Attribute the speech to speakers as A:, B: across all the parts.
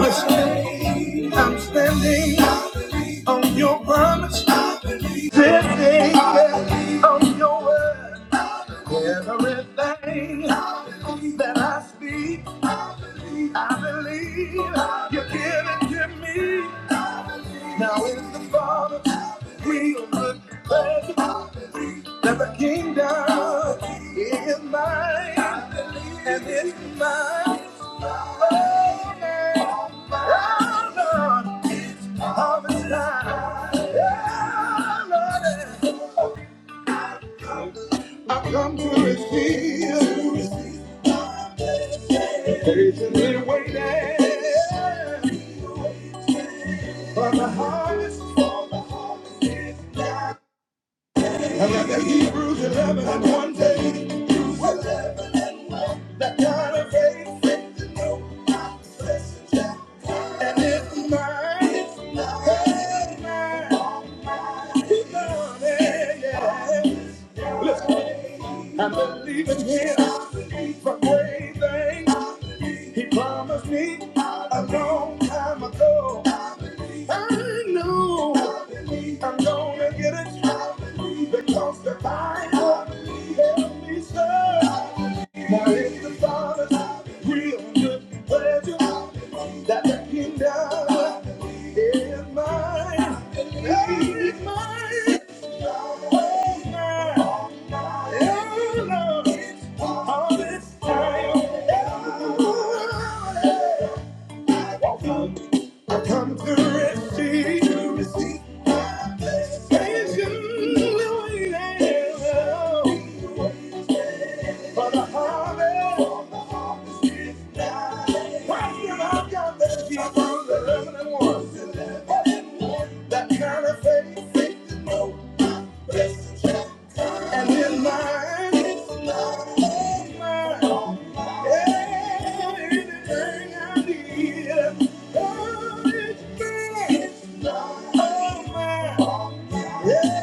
A: Listen, I'm standing on your promise. Standing on your word. Everything that I speak, I believe you give it to me. Now is the Father, we will look blessed. That the kingdom is mine, and it's mine. Oh, Lord, oh, Lord, it's harvest time. Oh, Lord, I've come to receive, patiently waiting for the harvest. And like the Hebrews 11 and one day, Hebrews 11 live that kind of faith. Faith in no opposition, Jack. And it's mine. It's mine. It's mine. It's mine. Yeah, yeah. Listen. I'm believing him for great things. He promised me a long time ago. I know I'm gonna get it because the Bible tells me so. Now it's the Father's real good pleasure that the kingdom is mine. It Is mine. Come to receive, to receive my blessing, waiting for the harvest. Why have got the people, the living ones? That kind of faith, faith you know my best. And in mine, oh mine, everything I need, oh, it's mine, oh mine, yeah,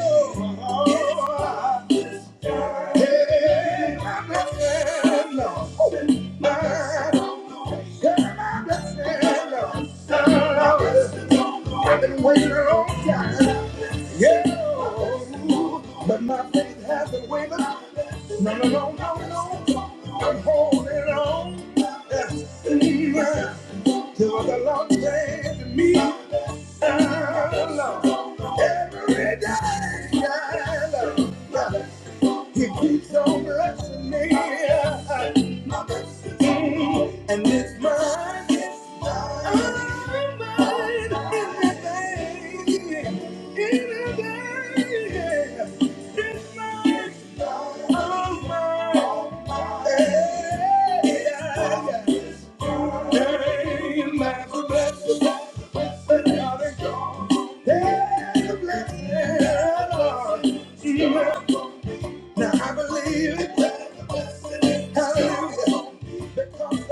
A: oh, yeah, I'm not mine, I've been waiting a long time. Yeah, but my faith hasn't wavered. No, no, no, no, no. I'm holding on yeah, till the Lord says to me, "Ah, Lord, every day, yeah, he keeps on blessing me. Mm, And it's mine. It's mine. mine, Everything. Everything. It's mine. All mine. Yeah, yeah, yeah. Hey, man's a blessing, but not a God. Hey, blessing, Lord. Now I believe Hallelujah.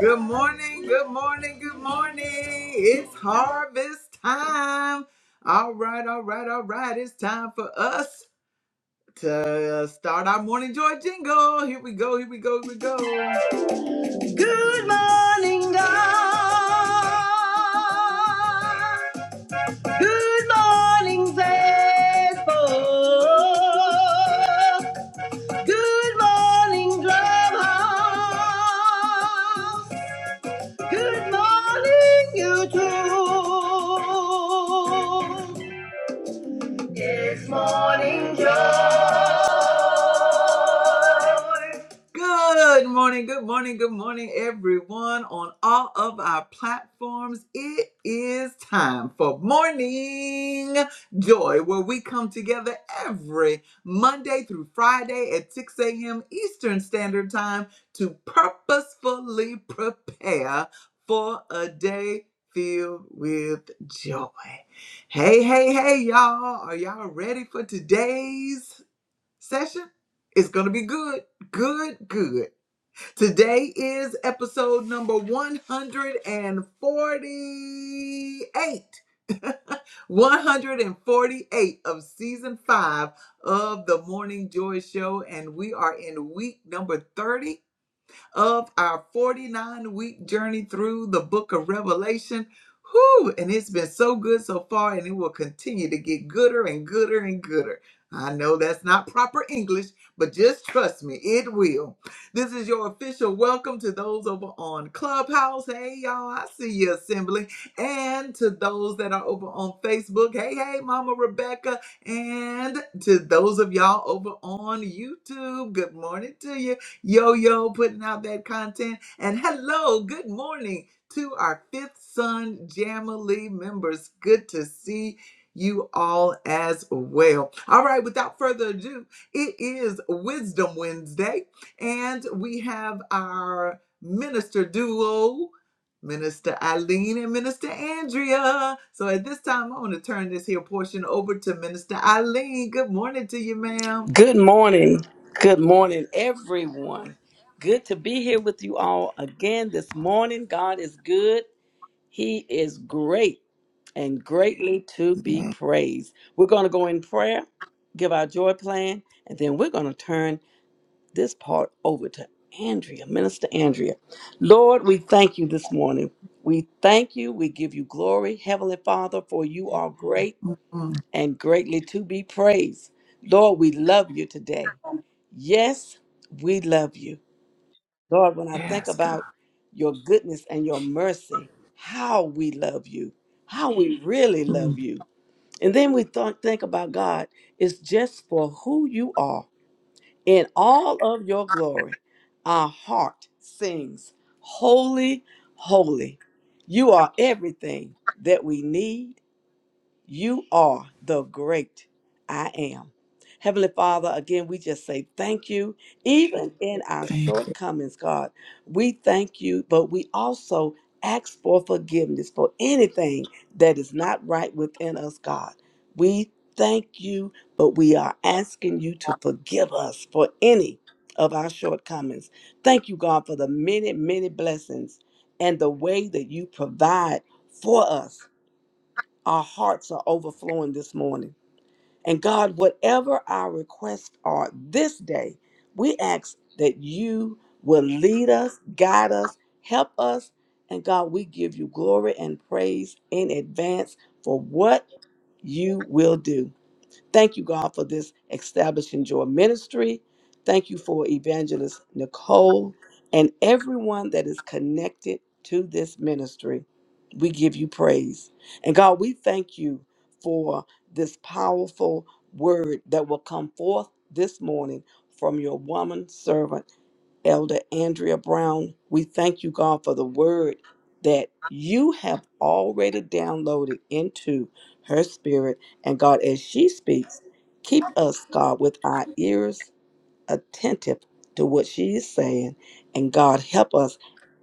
A: Good morning, good morning, good morning. It's harvest time. All right, all right, all right. It's time for us to start our morning joy jingle. Here we go, here we go, here we go. Good morning, God. Good morning, faithful. Good morning, Clubhouse. Good morning, YouTube. Good morning, good morning, good morning, everyone on all of our platforms. It is time for Morning Joy, where we come together every Monday through Friday at 6 a.m. Eastern Standard Time to purposefully prepare for a day filled with joy. Hey, hey, hey, y'all. Are y'all ready for today's? session. It's going to be good, good, good. Today is episode number 148. 148 of season five of the Morning Joy Show, and we are in week number 30 of our 49 week journey through the book of Revelation. Whew, and it's been so good so far, and it will continue to get gooder and gooder and gooder. I know that's not proper English, but just trust me, it will. This is your official welcome to those over on Clubhouse. Hey, y'all, I see you assembling. And to those that are over on Facebook. Hey, hey, Mama Rebecca. And to those of y'all over on YouTube. Good morning to you. Yo, yo, putting out that content. And hello, good morning to our Fifth Son Jamily members. Good to see you all as well. All right, without further ado, it is Wisdom Wednesday, and we have our minister duo. Minister Eileen and Minister Andrea. So at this time, I want to turn this here portion over to Minister Eileen. Good morning to you, madam
B: Good morning. Good morning, everyone. Good to be here with you all again this morning. God is good. He is great and greatly to be praised. We're going to go in prayer, give our joy plan, and then we're going to turn this part over to Andrea, Minister Andrea. Lord, we thank you this morning. We thank you. We give you glory, Heavenly Father, for you are great
A: mm
B: and greatly to be praised. Lord, we love you today. Yes, we love you. Lord, when I think
A: Yes, God.
B: about your goodness and your mercy, how we love you, how we Mhm. really
A: Mm.
B: love you. And then we thought think about God, it's just for who you are. In all of your glory, our heart sings, Holy, holy. You are everything that we need you are the great I am. Heavenly Father, again, we just say thank you. Even in our
A: Thank you.
B: shortcomings, God, we thank you, but we also ask for forgiveness for anything that is not right within us, God. We thank you, but we are asking you to forgive us for any of our shortcomings. Thank you, God, for the many, many blessings and the way that you provide for us our hearts are overflowing this morning. And God, whatever our requests are this day, we ask that you will lead us, guide us, help us. And God, we give you glory and praise in advance for what you will do. Thank you, God, for this establishing joy ministry. Thank you for evangelist Nicole and everyone that is connected to this ministry. We give you praise. And God, we thank you for this powerful word that will come forth this morning from your woman servant. Elder Andrea Brown, we thank you, God, for the word that you have already downloaded into her spirit. And God, as she speaks, keep us, God, with our ears attentive to what she is saying. And God, help us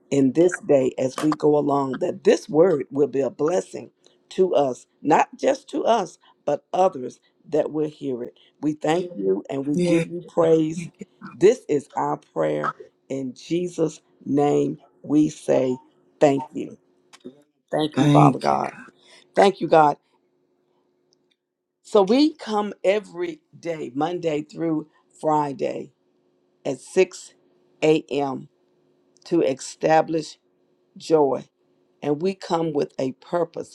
B: in this day as we go along that this word will be a blessing to us, not just to us, but others that will hear it. We thank you and we give
A: Yeah.
B: you praise.
A: Thank you.
B: This is our prayer. In Jesus' name, we say thank you. Thank you, Father
A: Thank you,
B: God.
A: God.
B: Thank you, God. So we come every day, Monday through Friday at 6 a.m. to establish joy and we come with a purpose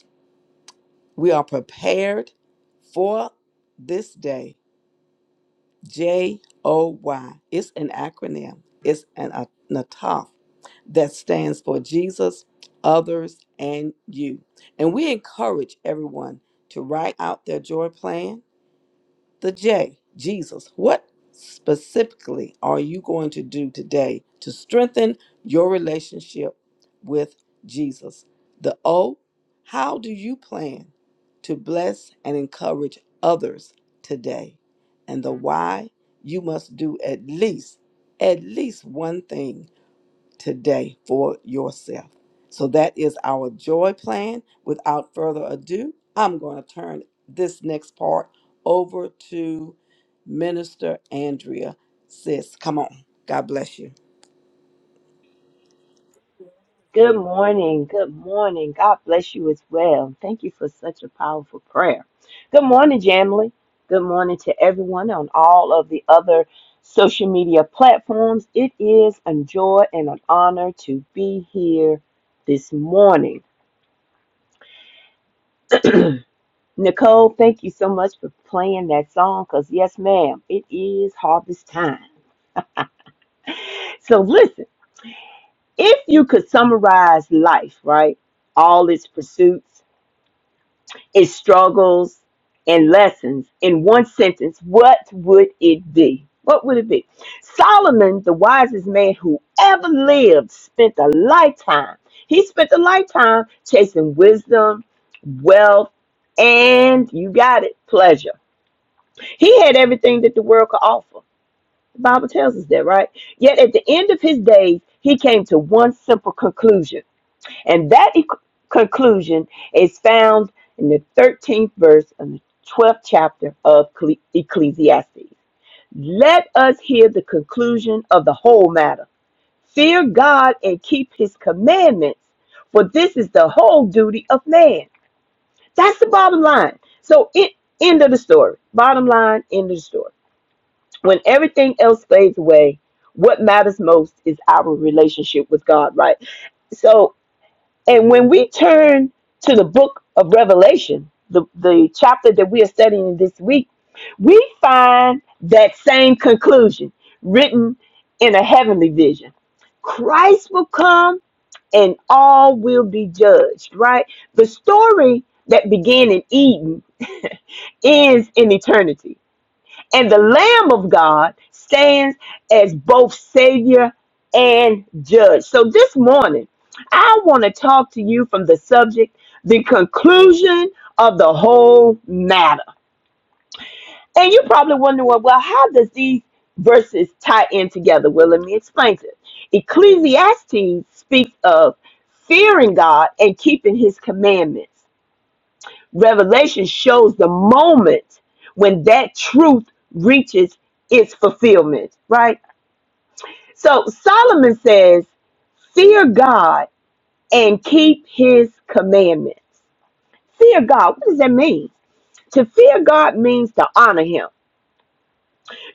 B: We are prepared for this day. J O Y. It's an acronym, it's an, a- an ATOF that stands for Jesus, others, and you. And we encourage everyone to write out their joy plan the J, Jesus, what specifically are you going to do today to strengthen your relationship with Jesus? The O, how do you plan to bless and encourage others today? And the Y, you must do at least at least one thing today for yourself. So that is our joy plan. Without further ado, I'm going to turn this next part over to Minister Andrea. Sis, come on. God bless you.
C: Good morning. Good morning. God bless you as well. Thank you for such a powerful prayer. Good morning, Jamily. Good morning to everyone on all of the other social media platforms. It is a joy and an honor to be here this morning. Nicole, thank you so much for playing that song because, yes, ma'am, it is harvest time. So, listen, if you could summarize life, right? All its pursuits its struggles and lessons in one sentence, what would it be? What would it be? Solomon, the wisest man who ever lived, spent a lifetime. He spent a lifetime chasing wisdom, wealth, and you got it, pleasure. He had everything that the world could offer. The Bible tells us that, right? Yet at the end of his days, he came to one simple conclusion. And that e- conclusion is found in the 13th verse of the 12th chapter of Cle- Ecclesiastes. Let us hear the conclusion of the whole matter. Fear God and keep his commandments, for this is the whole duty of man. That's the bottom line. So, it, end of the story. Bottom line, end of the story. When everything else fades away, what matters most is our relationship with God, right? So. And when we turn to the book of Revelation, the, the chapter that we are studying this week, we find that same conclusion written in a heavenly vision. Christ will come and all will be judged, right? The story that began in Eden ends in eternity. And the Lamb of God stands as both Savior and Judge. So this morning, I want to talk to you from the subject, the conclusion of the whole matter. And you probably wonder, well, well, how does these verses tie in together? Well, let me explain this. Ecclesiastes speaks of fearing God and keeping his commandments. Revelation shows the moment when that truth reaches its fulfillment, right? So Solomon says, Fear God and keep his commandments. Fear God, what does that mean? To fear God means to honor him,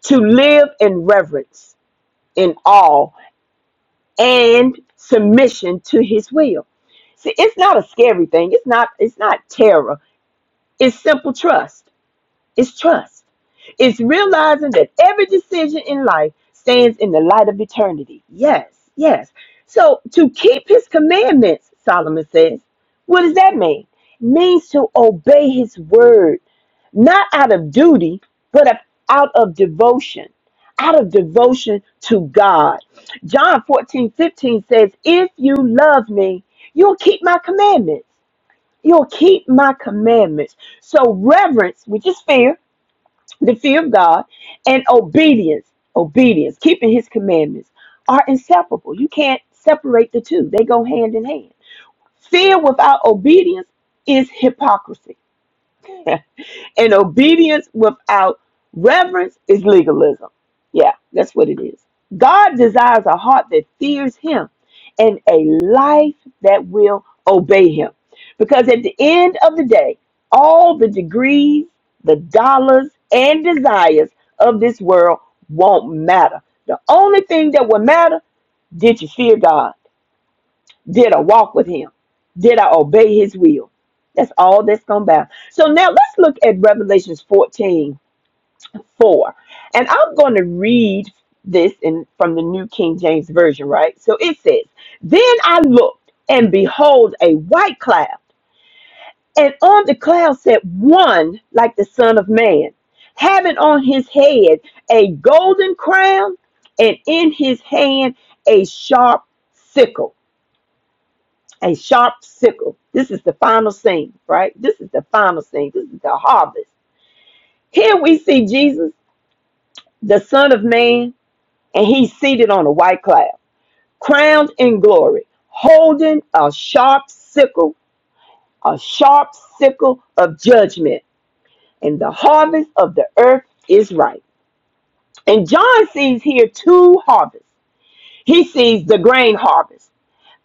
C: to live in reverence, in awe, and submission to his will. See, it's not a scary thing. It's not, it's not terror. It's simple trust. It's trust. It's realizing that every decision in life stands in the light of eternity. Yes, yes. So to keep his commandments, Solomon says, what does that mean? Means to obey his word, not out of duty, but of- out of devotion, out of devotion to God. John 14 15 says, If you love me, you'll keep my commandments. You'll keep my commandments. So reverence, which is fear, the fear of God, and obedience, obedience, keeping his commandments are inseparable. You can't separate the two. They go hand in hand. Fear without obedience is hypocrisy. And obedience without reverence is legalism. Yeah, that's what it is. God desires a heart that fears Him and a life that will obey Him. Because at the end of the day, all the degrees, the dollars, and desires of this world won't matter. The only thing that will matter, did you fear God? Did I walk with him? Did I obey his will? That's all that's going to matter. So now let's look at Revelations 14 4, And I'm going to read this in from the New King James Version, right? So it says, Then I looked, and behold, a white cloud. And on the cloud sat one like the Son of Man, having on his head a golden crown, and in his hand a sharp sickle a sharp sickle. This is the final scene, right? This is the final scene. This is the harvest. Here we see Jesus, the Son of Man, and he's seated on a white cloud, crowned in glory, holding a sharp sickle, a sharp sickle of judgment. And the harvest of the earth is ripe. And John sees here two harvests. He sees the grain harvest.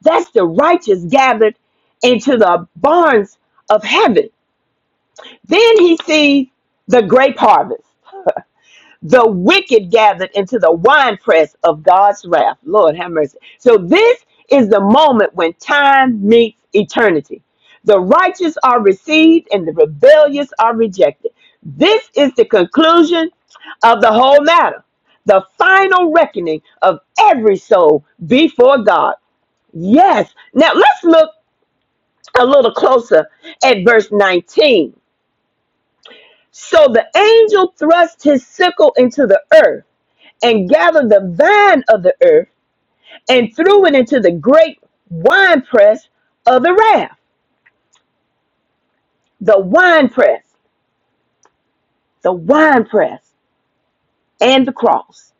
C: That's the righteous gathered into the barns of heaven Then he sees the grape harvest. The wicked gathered into the winepress of God's wrath. Lord have mercy. So this is the moment when time meets eternity. The righteous are received and the rebellious are rejected. This is the conclusion of the whole matter. The final reckoning of every soul before God. Yes. Now let's look a little closer at verse 19 So the angel thrust his sickle into the earth and gathered the vine of the earth and threw it into the great winepress of the wrath. The winepress, the winepress, and the cross.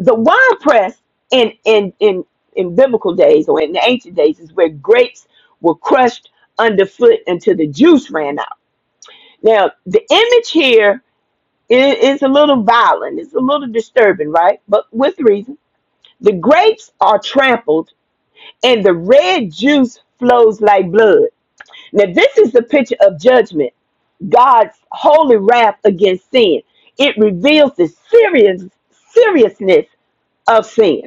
C: The winepress in, in, in, in biblical days or in the ancient days is where grapes were crushed underfoot until the juice ran out. Now, the image here is is a little violent, it's a little disturbing, right? But with reason. The grapes are trampled, and the red juice flows like blood. Now, this is the picture of judgment, God's holy wrath against sin. It reveals the serious seriousness of sin.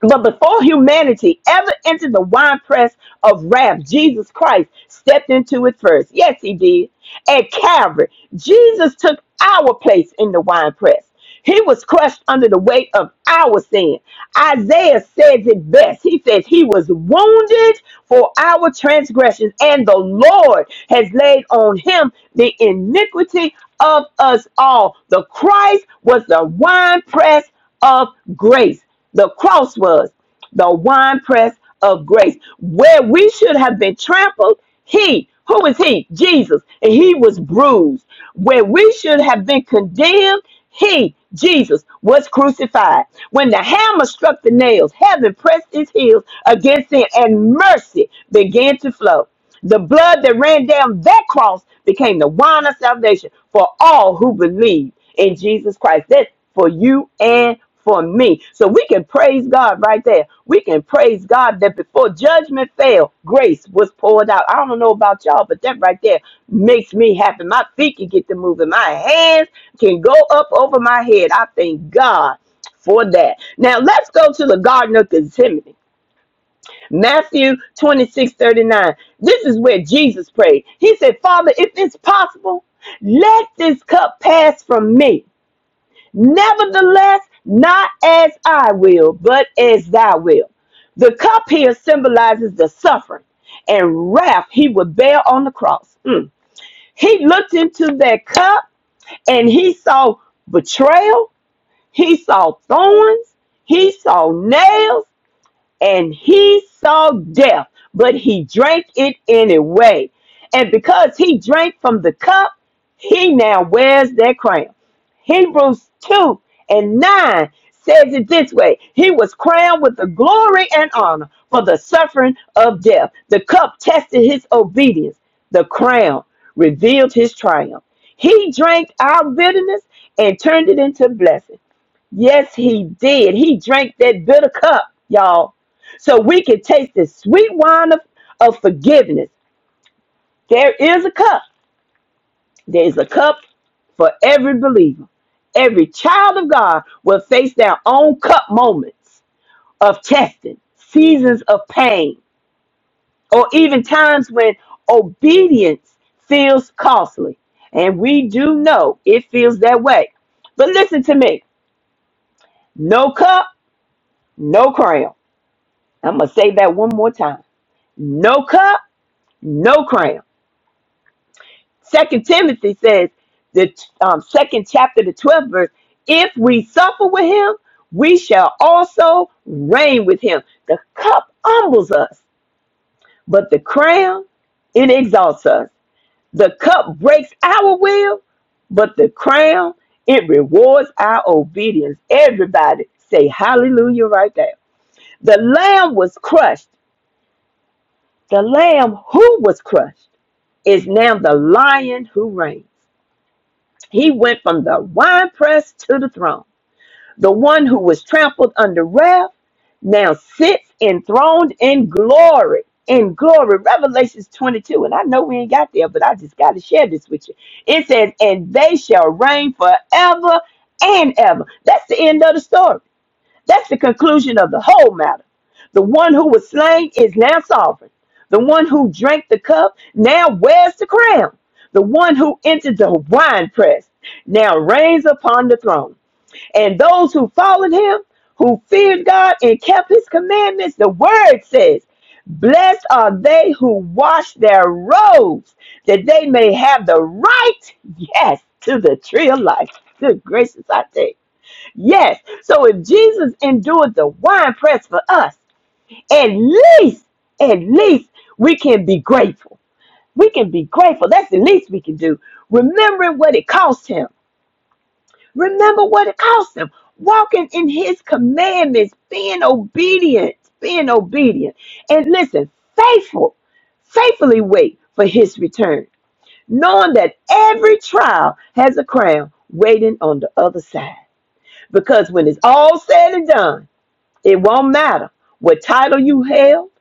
C: But before humanity ever entered the winepress of wrath, Jesus Christ stepped into it first. Yes, he did. At Calvary, Jesus took our place in the winepress. He was crushed under the weight of our sin. Isaiah says it best. He says, He was wounded for our transgressions, and the Lord has laid on him the iniquity of us all. The Christ was the winepress of grace. The cross was the winepress of grace. Where we should have been trampled, he, who is he? Jesus. And he was bruised. Where we should have been condemned, he, Jesus, was crucified. When the hammer struck the nails, heaven pressed its heels against it, and mercy began to flow. The blood that ran down that cross became the wine of salvation for all who believe in Jesus Christ. That's for you and for me. So we can praise God right there. We can praise God that before judgment fell, grace was poured out. I don't know about y'all, but that right there makes me happy. My feet can get to moving. My hands can go up over my head. I thank God for that. Now let's go to the Garden of Gethsemane. Matthew 26 39. This is where Jesus prayed. He said, Father, if it's possible, let this cup pass from me. Nevertheless, not as I will, but as thy will. The cup here symbolizes the suffering and wrath he would bear on the cross. Mm. He looked into that cup and he saw betrayal, he saw thorns, he saw nails and he saw death, but he drank it anyway. And because he drank from the cup, he now wears that crown. Hebrews 2 and 9 says it this way He was crowned with the glory and honor for the suffering of death. The cup tested his obedience, the crown revealed his triumph. He drank our bitterness and turned it into blessing. Yes, he did. He drank that bitter cup, y'all. So we can taste the sweet wine of, of forgiveness. There is a cup. There's a cup for every believer. Every child of God will face their own cup moments of testing, seasons of pain, or even times when obedience feels costly. And we do know it feels that way. But listen to me no cup, no crown. I'm going to say that one more time. No cup, no crown. Second Timothy says, the um, second chapter, the 12th verse, if we suffer with him, we shall also reign with him. The cup humbles us, but the crown, it exalts us. The cup breaks our will, but the crown, it rewards our obedience. Everybody say hallelujah right there. The lamb was crushed. The lamb who was crushed is now the lion who reigns. He went from the winepress to the throne. The one who was trampled under wrath now sits enthroned in glory. In glory, Revelations 22. And I know we ain't got there, but I just got to share this with you. It says, And they shall reign forever and ever. That's the end of the story. That's the conclusion of the whole matter. The one who was slain is now sovereign. The one who drank the cup now wears the crown. The one who entered the winepress now reigns upon the throne. And those who followed him, who feared God and kept his commandments, the word says, Blessed are they who wash their robes, that they may have the right, yes, to the tree of life. Good gracious, I tell you. Yes. So if Jesus endured the wine press for us, at least, at least we can be grateful. We can be grateful. That's the least we can do. Remembering what it cost him. Remember what it cost him. Walking in his commandments, being obedient, being obedient. And listen, faithful, faithfully wait for his return, knowing that every trial has a crown waiting on the other side. Because when it's all said and done, It won't matter what title you held,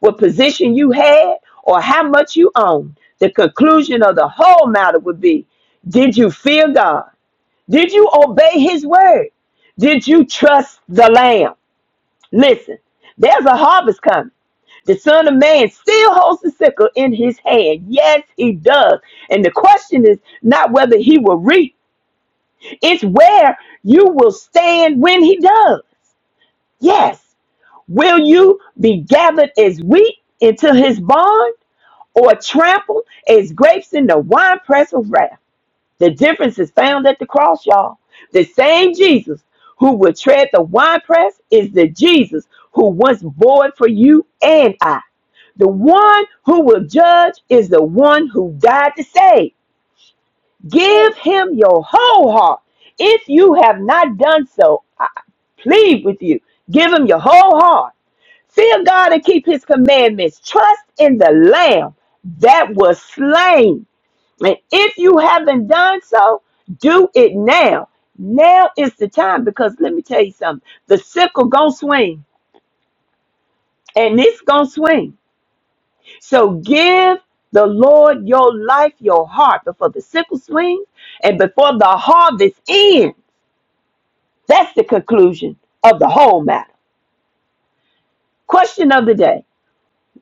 C: what position you had, or how much you owned. The conclusion of the whole matter would be Did you fear God? Did you obey His word? Did you trust the Lamb? Listen, there's a harvest coming. The Son of Man still holds the sickle in his hand. Yes, he does. And the question is not whether he will reap, it's where you will stand when he does. Yes. Will you be gathered as wheat into his barn, or trampled as grapes in the winepress of wrath? The difference is found at the cross, y'all. The same Jesus who will tread the winepress is the Jesus who once bore it for you and I. The one who will judge is the one who died to save. Give him your whole heart. If you have not done so, I plead with you. Give him your whole heart Fear God and keep his commandments. Trust in the Lamb that was slain. And if you haven't done so, do it now. Now is the time because let me tell you something. The sickle gonna swing and it's gonna swing. So give the Lord your life, your heart before the sickle swings and before the harvest ends. That's the conclusion of the whole matter. Question of the day.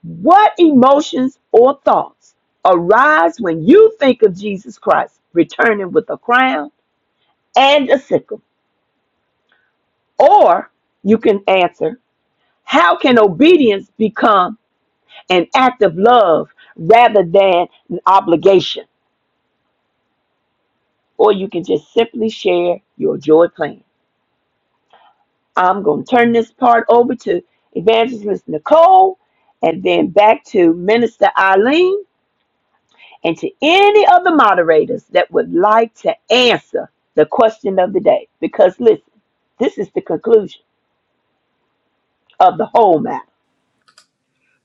C: What emotions or thoughts arise when you think of Jesus Christ returning with a crown and a sickle? Or you can answer, how can obedience become an act of love rather than an obligation? Or you can just simply share your joy plan. I'm going to turn this part over to Evangelist Nicole and then back to Minister Eileen and to any of the moderators that would like to answer the question of the day. Because listen, this is the conclusion of the whole matter.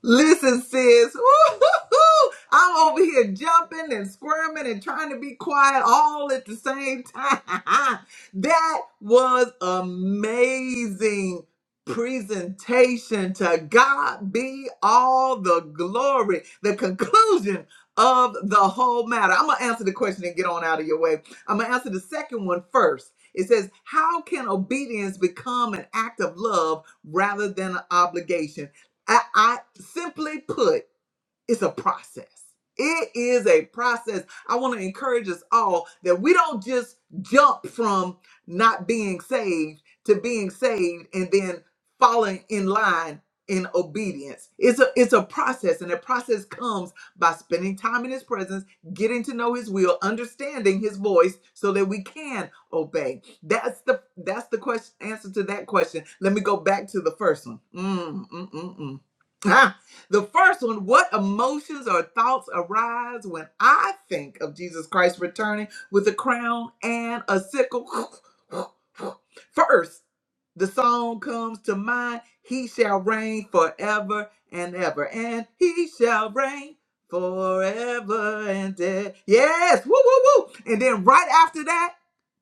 A: Listen, sis, woo-hoo-hoo. I'm over here jumping and squirming and trying to be quiet all at the same time. that was amazing presentation. To God be all the glory. The conclusion of the whole matter. I'm gonna answer the question and get on out of your way. I'm gonna answer the second one first. It says, How can obedience become an act of love rather than an obligation? I, I simply put, it's a process. It is a process. I want to encourage us all that we don't just jump from not being saved to being saved and then falling in line in obedience. It's a it's a process and the process comes by spending time in his presence, getting to know his will, understanding his voice so that we can obey. That's the that's the question answer to that question. Let me go back to the first one. Mm, mm, mm, mm. The first one, what emotions or thoughts arise when I think of Jesus Christ returning with a crown and a sickle? First, the song comes to mind, He shall reign forever and ever, and He shall reign forever and ever. Yes, woo, woo, woo. And then right after that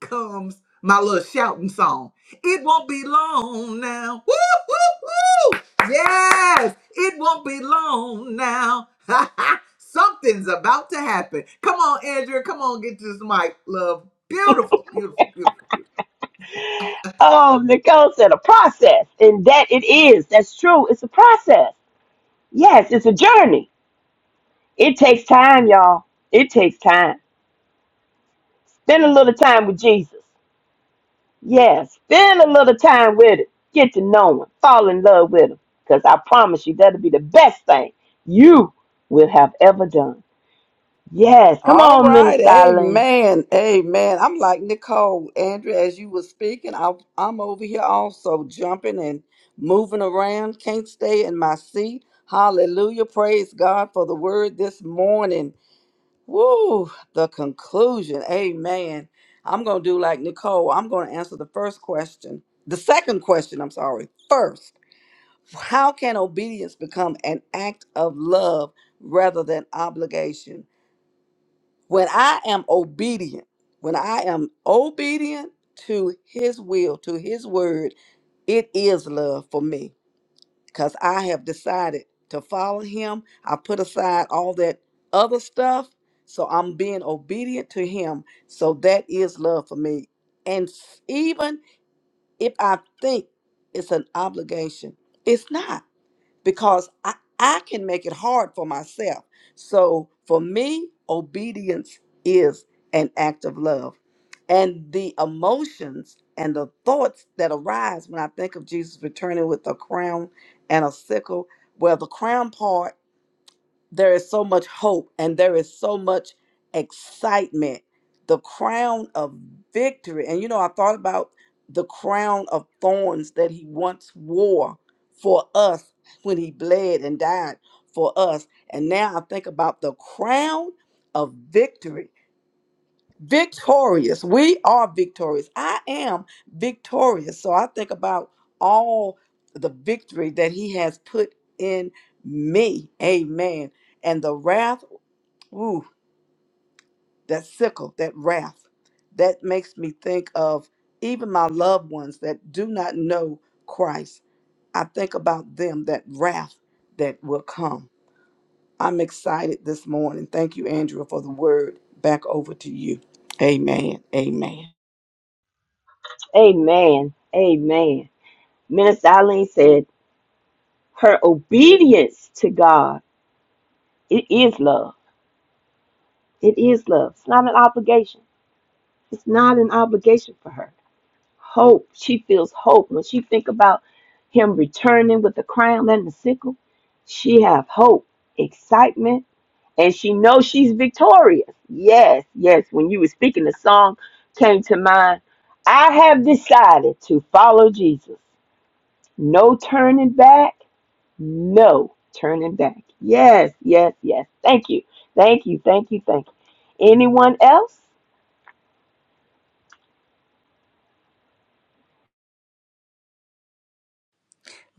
A: comes my little shouting song. It won't be long now. Woo, woo, woo. Yes, it won't be long now. Something's about to happen. Come on, Andrea. Come on, get this mic, love. Beautiful, beautiful, beautiful, beautiful.
C: Oh, Nicole said a process, and that it is. That's true. It's a process. Yes, it's a journey. It takes time, y'all. It takes time. Spend a little time with Jesus. Yes, spend a little time with it. Get to know him. Fall in love with him. Because I promise you, that'll be the best thing you will have ever done. Yes, come
B: All
C: on,
B: right,
C: Minister Eileen.
B: amen, amen. I'm like Nicole, Andrea, as you were speaking, I'm, I'm over here also jumping and moving around, can't stay in my seat. Hallelujah, praise God for the word this morning. Woo, the conclusion. Amen. I'm going to do like Nicole. I'm going to answer the first question. The second question, I'm sorry. First, how can obedience become an act of love rather than obligation? When I am obedient, when I am obedient to his will, to his word, it is love for me because I have decided to follow him. I put aside all that other stuff. So I'm being obedient to him. So that is love for me. And s- even if I think it's an obligation, it's not because I, I can make it hard for myself. So for me, obedience is an act of love. And the emotions and the thoughts that arise when I think of Jesus returning with a crown and a sickle, well, the crown part there is so much hope and there is so much excitement. The crown of victory. And you know, I thought about the crown of thorns that he once wore for us when he bled and died for us. And now I think about the crown of victory victorious. We are victorious. I am victorious. So I think about all the victory that he has put in me. Amen. And the wrath, ooh, that sickle, that wrath, that makes me think of even my loved ones that do not know Christ. I think about them, that wrath that will come. I'm excited this morning. Thank you, Andrea, for the word. Back over to you. Amen. Amen.
C: Amen. Amen. Minister Eileen said her obedience to God, it is love. It is love. It's not an obligation. It's not an obligation for her. Hope. She feels hope. When she think about him returning with the crown and the sickle, she have hope, excitement, and she knows she's victorious. Yes, yes. When you were speaking, the song came to mind. I have decided to follow Jesus. No turning back. No turning back. Yes, yes, yes. Thank you. Thank you. Thank you. Thank you. Anyone else?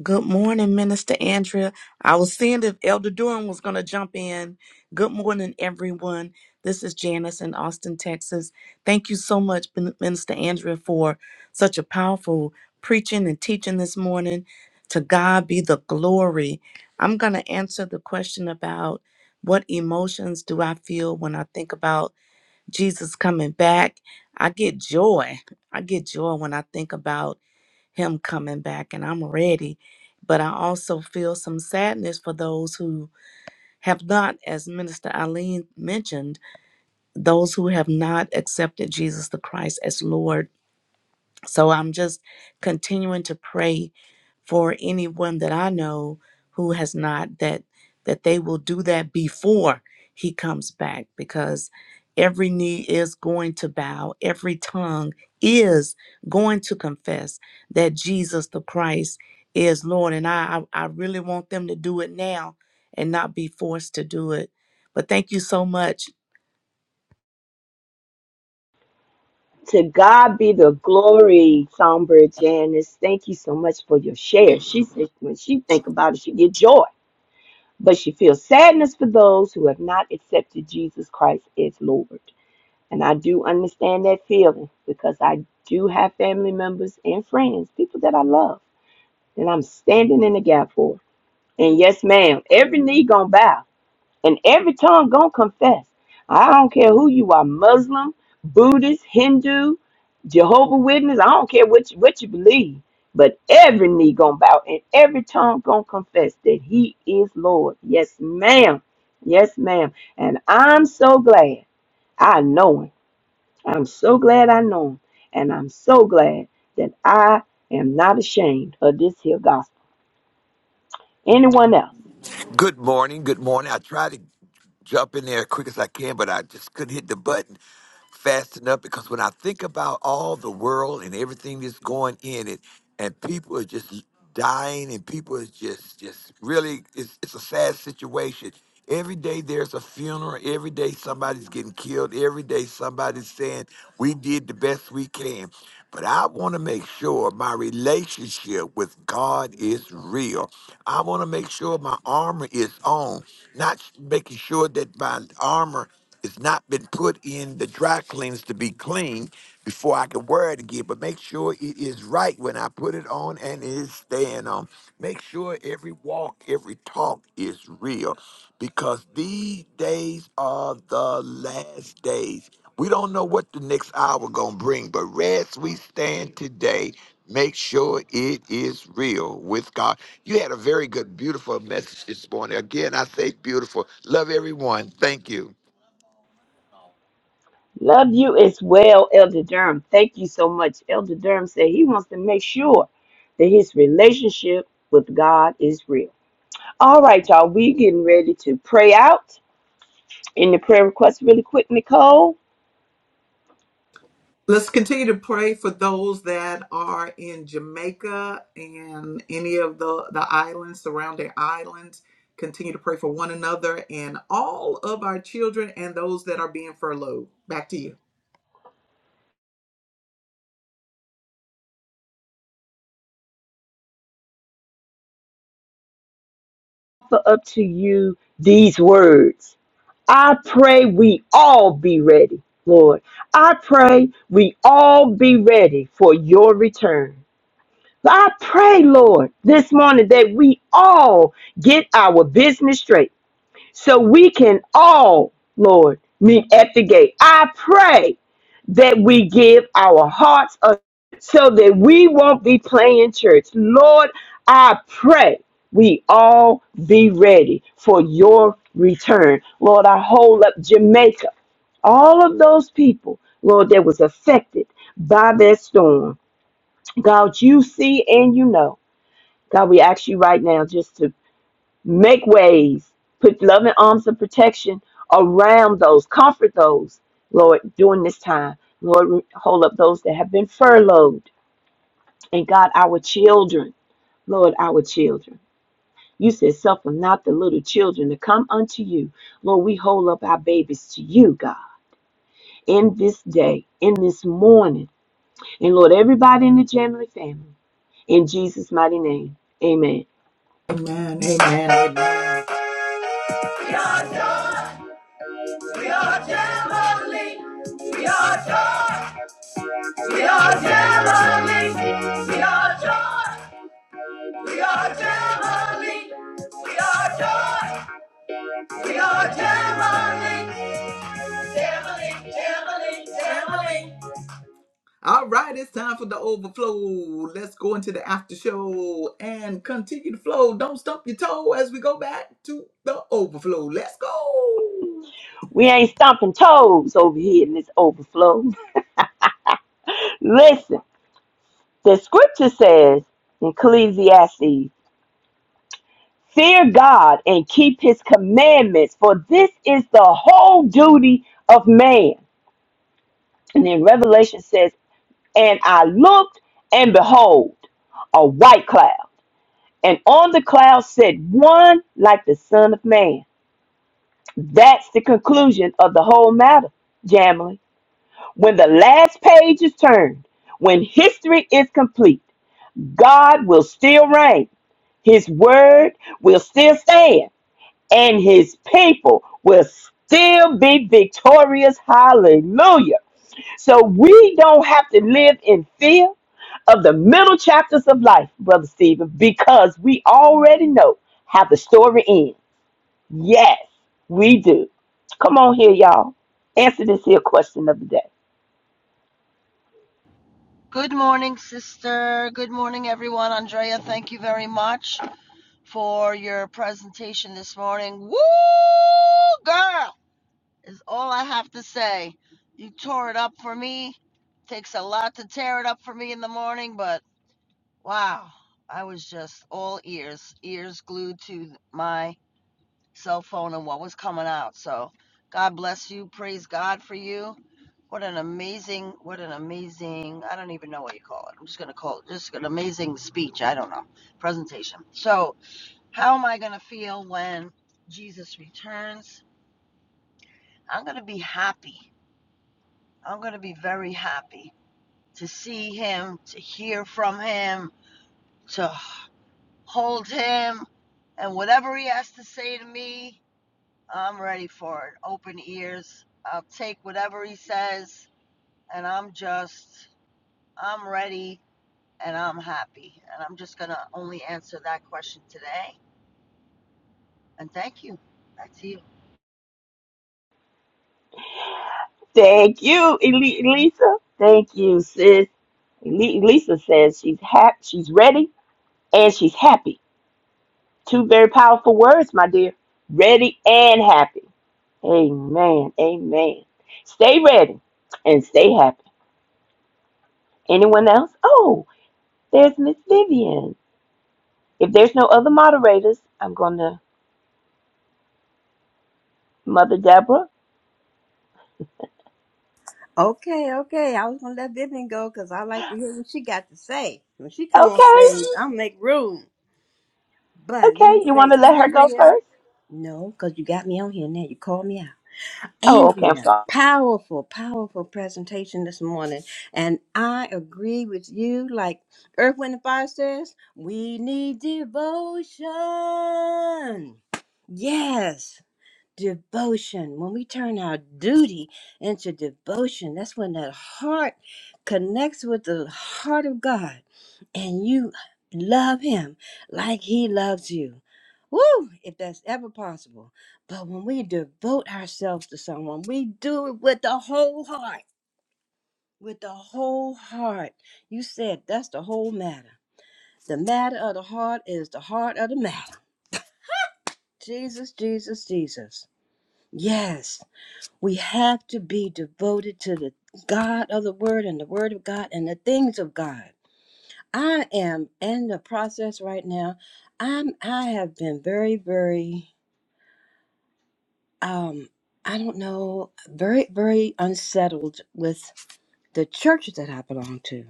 D: Good morning, Minister Andrea. I was seeing if Elder Durham was going to jump in. Good morning, everyone. This is Janice in Austin, Texas. Thank you so much, Min- Minister Andrea, for such a powerful preaching and teaching this morning. To God be the glory. I'm going to answer the question about what emotions do I feel when I think about Jesus coming back. I get joy. I get joy when I think about him coming back and I'm ready. But I also feel some sadness for those who have not, as Minister Eileen mentioned, those who have not accepted Jesus the Christ as Lord. So I'm just continuing to pray for anyone that I know who has not that that they will do that before he comes back because every knee is going to bow every tongue is going to confess that Jesus the Christ is Lord and I I, I really want them to do it now and not be forced to do it but thank you so much
C: To God be the glory, Songbird Janice. Thank you so much for your share. She said when she think about it, she get joy, but she feels sadness for those who have not accepted Jesus Christ as Lord. And I do understand that feeling because I do have family members and friends, people that I love, and I'm standing in the gap for. And yes, ma'am, every knee gonna bow and every tongue gonna confess. I don't care who you are, Muslim, Buddhist, Hindu, Jehovah Witness, I don't care what you, what you believe, but every knee gonna bow and every tongue gonna confess that he is Lord. Yes, ma'am. Yes, ma'am. And I'm so glad I know him. I'm so glad I know him. And I'm so glad that I am not ashamed of this here gospel. Anyone else?
E: Good morning. Good morning. I tried to jump in there as quick as I can, but I just couldn't hit the button fast enough because when I think about all the world and everything that's going in it, and people are just dying, and people are just just really it's it's a sad situation. Every day there's a funeral. Every day somebody's getting killed. Every day somebody's saying we did the best we can. But I want to make sure my relationship with God is real. I want to make sure my armor is on not making sure that my armor has not been put in the dry cleans to be clean before I can wear it again. But make sure it is right when I put it on and it is staying on. Make sure every walk, every talk is real because these days are the last days. We don't know what the next hour gonna bring, but as we stand today Make sure it is real with God. You had a very good, beautiful message this morning. Again, I say beautiful. Love everyone. Thank you.
C: Love you as well, Elder Durham. Thank you so much. Elder Durham said he wants to make sure that his relationship with God is real. All right, y'all, we getting ready to pray out in the prayer request really quick, Nicole.
A: Let's continue to pray for those that are in Jamaica and any of the, the islands, surrounding islands. Continue to pray for one another and all of our children and those that are being furloughed. Back to you.
C: Offer up to you these words. I pray we all be ready, Lord. I pray we all be ready for your return. I pray, Lord, this morning that we all get our business straight so we can all, Lord, meet at the gate. I pray that we give our hearts a, so that we won't be playing church. Lord, I pray we all be ready for your return. Lord, I hold up Jamaica, all of those people, Lord, that was affected by that storm. God, you see and you know. God, we ask you right now just to Make ways. Put loving arms of protection around those. Comfort those, Lord, during this time. Lord, hold up those that have been furloughed. And God, our children. Lord, our children. You said, Suffer not the little children to come unto you. Lord, we hold up our babies to you, God, in this day, in this morning. And Lord, everybody in the Jamily family, in Jesus' mighty name. Amen.
A: Amen. Amen. Amen. We are Gemini. We are joy. We are Gemini. We are joy. We are Gemini. We are joy. We are Gemini. Gemini. Gemini. Gemini. All right, it's time for the overflow. Let's go into the after show and continue the flow. Don't stump your toe as we go back to the overflow. Let's go.
C: We ain't stomping toes over here in this overflow. Listen. The scripture says in Ecclesiastes, fear God and keep his commandments, for this is the whole duty of man. And then Revelation says, and I looked and behold a white cloud, and on the cloud sat one like the son of man. That's the conclusion of the whole matter, Jamily. When the last page is turned, when history is complete, God will still reign. His word will still stand, and his people will still be victorious. Hallelujah. So we don't have to live in fear of the middle chapters of life, Brother Stephen, because we already know how the story ends. Yes, we do. Come on here, y'all. Answer this here question of the day.
F: Good morning, sister. Good morning, everyone. Andrea, thank you very much for your presentation this morning. Woo, girl, is all I have to say. You tore it up for me. Takes a lot to tear it up for me in the morning, but wow, I was just all ears, ears glued to my cell phone and what was coming out. So God bless you. Praise God for you. What an amazing, what an amazing, I don't even know what you call it. I'm just going to call it just an amazing speech. I don't know. Presentation. So, how am I going to feel when Jesus returns? I'm going to be happy. I'm going to be very happy to see him, to hear from him, to hold him, and whatever he has to say to me, I'm ready for it. Open ears. I'll take whatever he says, and I'm just, I'm ready and I'm happy. And I'm just going to only answer that question today. And thank you. Back to you.
C: Thank you, Eli- Elisa. Thank you, sis. Le- Lisa says she's happy, she's ready, and she's happy. Two very powerful words, my dear. Ready and happy. Amen. Amen. Stay ready and stay happy. Anyone else? Oh, there's Miss Vivian. If there's no other moderators, I'm going to Mother Deborah.
G: Okay, okay. I was gonna let Vivian go because I like to hear what she got to say. When she come on
C: Okay.
G: stage, I'll make room. But let
C: Okay.
G: me
C: You
G: say,
C: want to let her go
G: Andrea.
C: first?
G: No, because you got me on here now. You called me out.
C: Oh, okay. I'm
G: Andrea,
C: sorry.
G: powerful, powerful presentation this morning. And I agree with you. Like Earth, Wind, and Fire says, we need devotion. Yes devotion, when we turn our duty into devotion, that's when that heart connects with the heart of God and you love Him like He loves you. Woo! If that's ever possible. But when we devote ourselves to someone, we do it with the whole heart. With the whole heart. You said that's the whole matter. The matter of the heart is the heart of the matter. Jesus, Jesus, Jesus. Yes. We have to be devoted to the God of the Word and the Word of God and the things of God. I am in the process right now. I'm I have been very, very um I don't know, very, very unsettled with the churches that I belong to.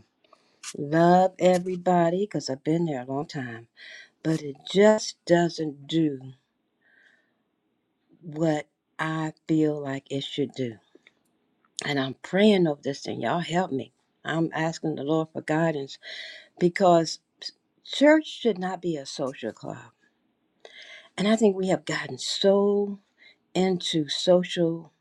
G: Love everybody because I've been there a long time, but it just doesn't do what I feel like it should do. and I'm praying over this thing. Y'all help me. I'm asking the Lord for guidance because church should not be a social club. And I think we have gotten so into social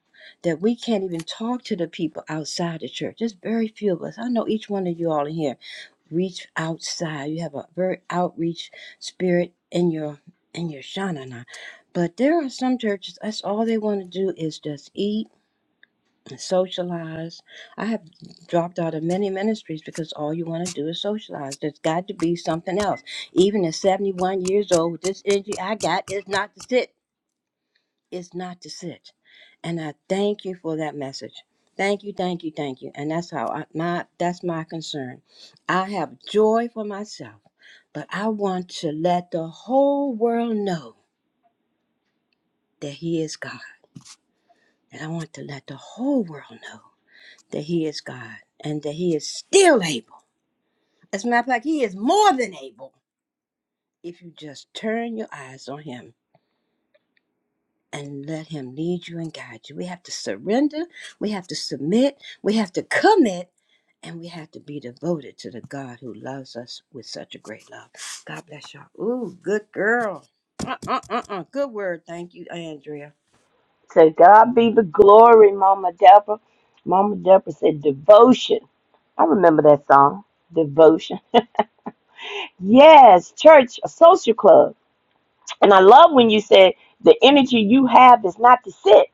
G: that we can't even talk to the people outside the church. There's very few of us. I know each one of you all in here reach outside. You have a very outreach spirit in your in your shanana. But there are some churches that's all they want to do is just eat socialize. I have dropped out of many ministries because all you want to do is socialize. There's got to be something else. Even at 71 years old, with this energy I got is not to sit. It's not to sit. And I thank you for that message. Thank you, thank you, thank you. And that's how I, my that's my concern. I have joy for myself, but I want to let the whole world know that he is God. And I want to let the whole world know that He is God and that He is still able. As a matter of fact, He is more than able if you just turn your eyes on Him and let Him lead you and guide you. We have to surrender, we have to submit, we have to commit, and we have to be devoted to the God who loves us with such a great love. God bless y'all. Ooh, good girl. Uh uh uh uh. Good word. Thank you, Andrea.
C: To God be the glory, Mama Deborah. Mama Deborah said devotion. I remember that song, Devotion. Yes, church, a social club. And I love when you said the energy you have is not to sit,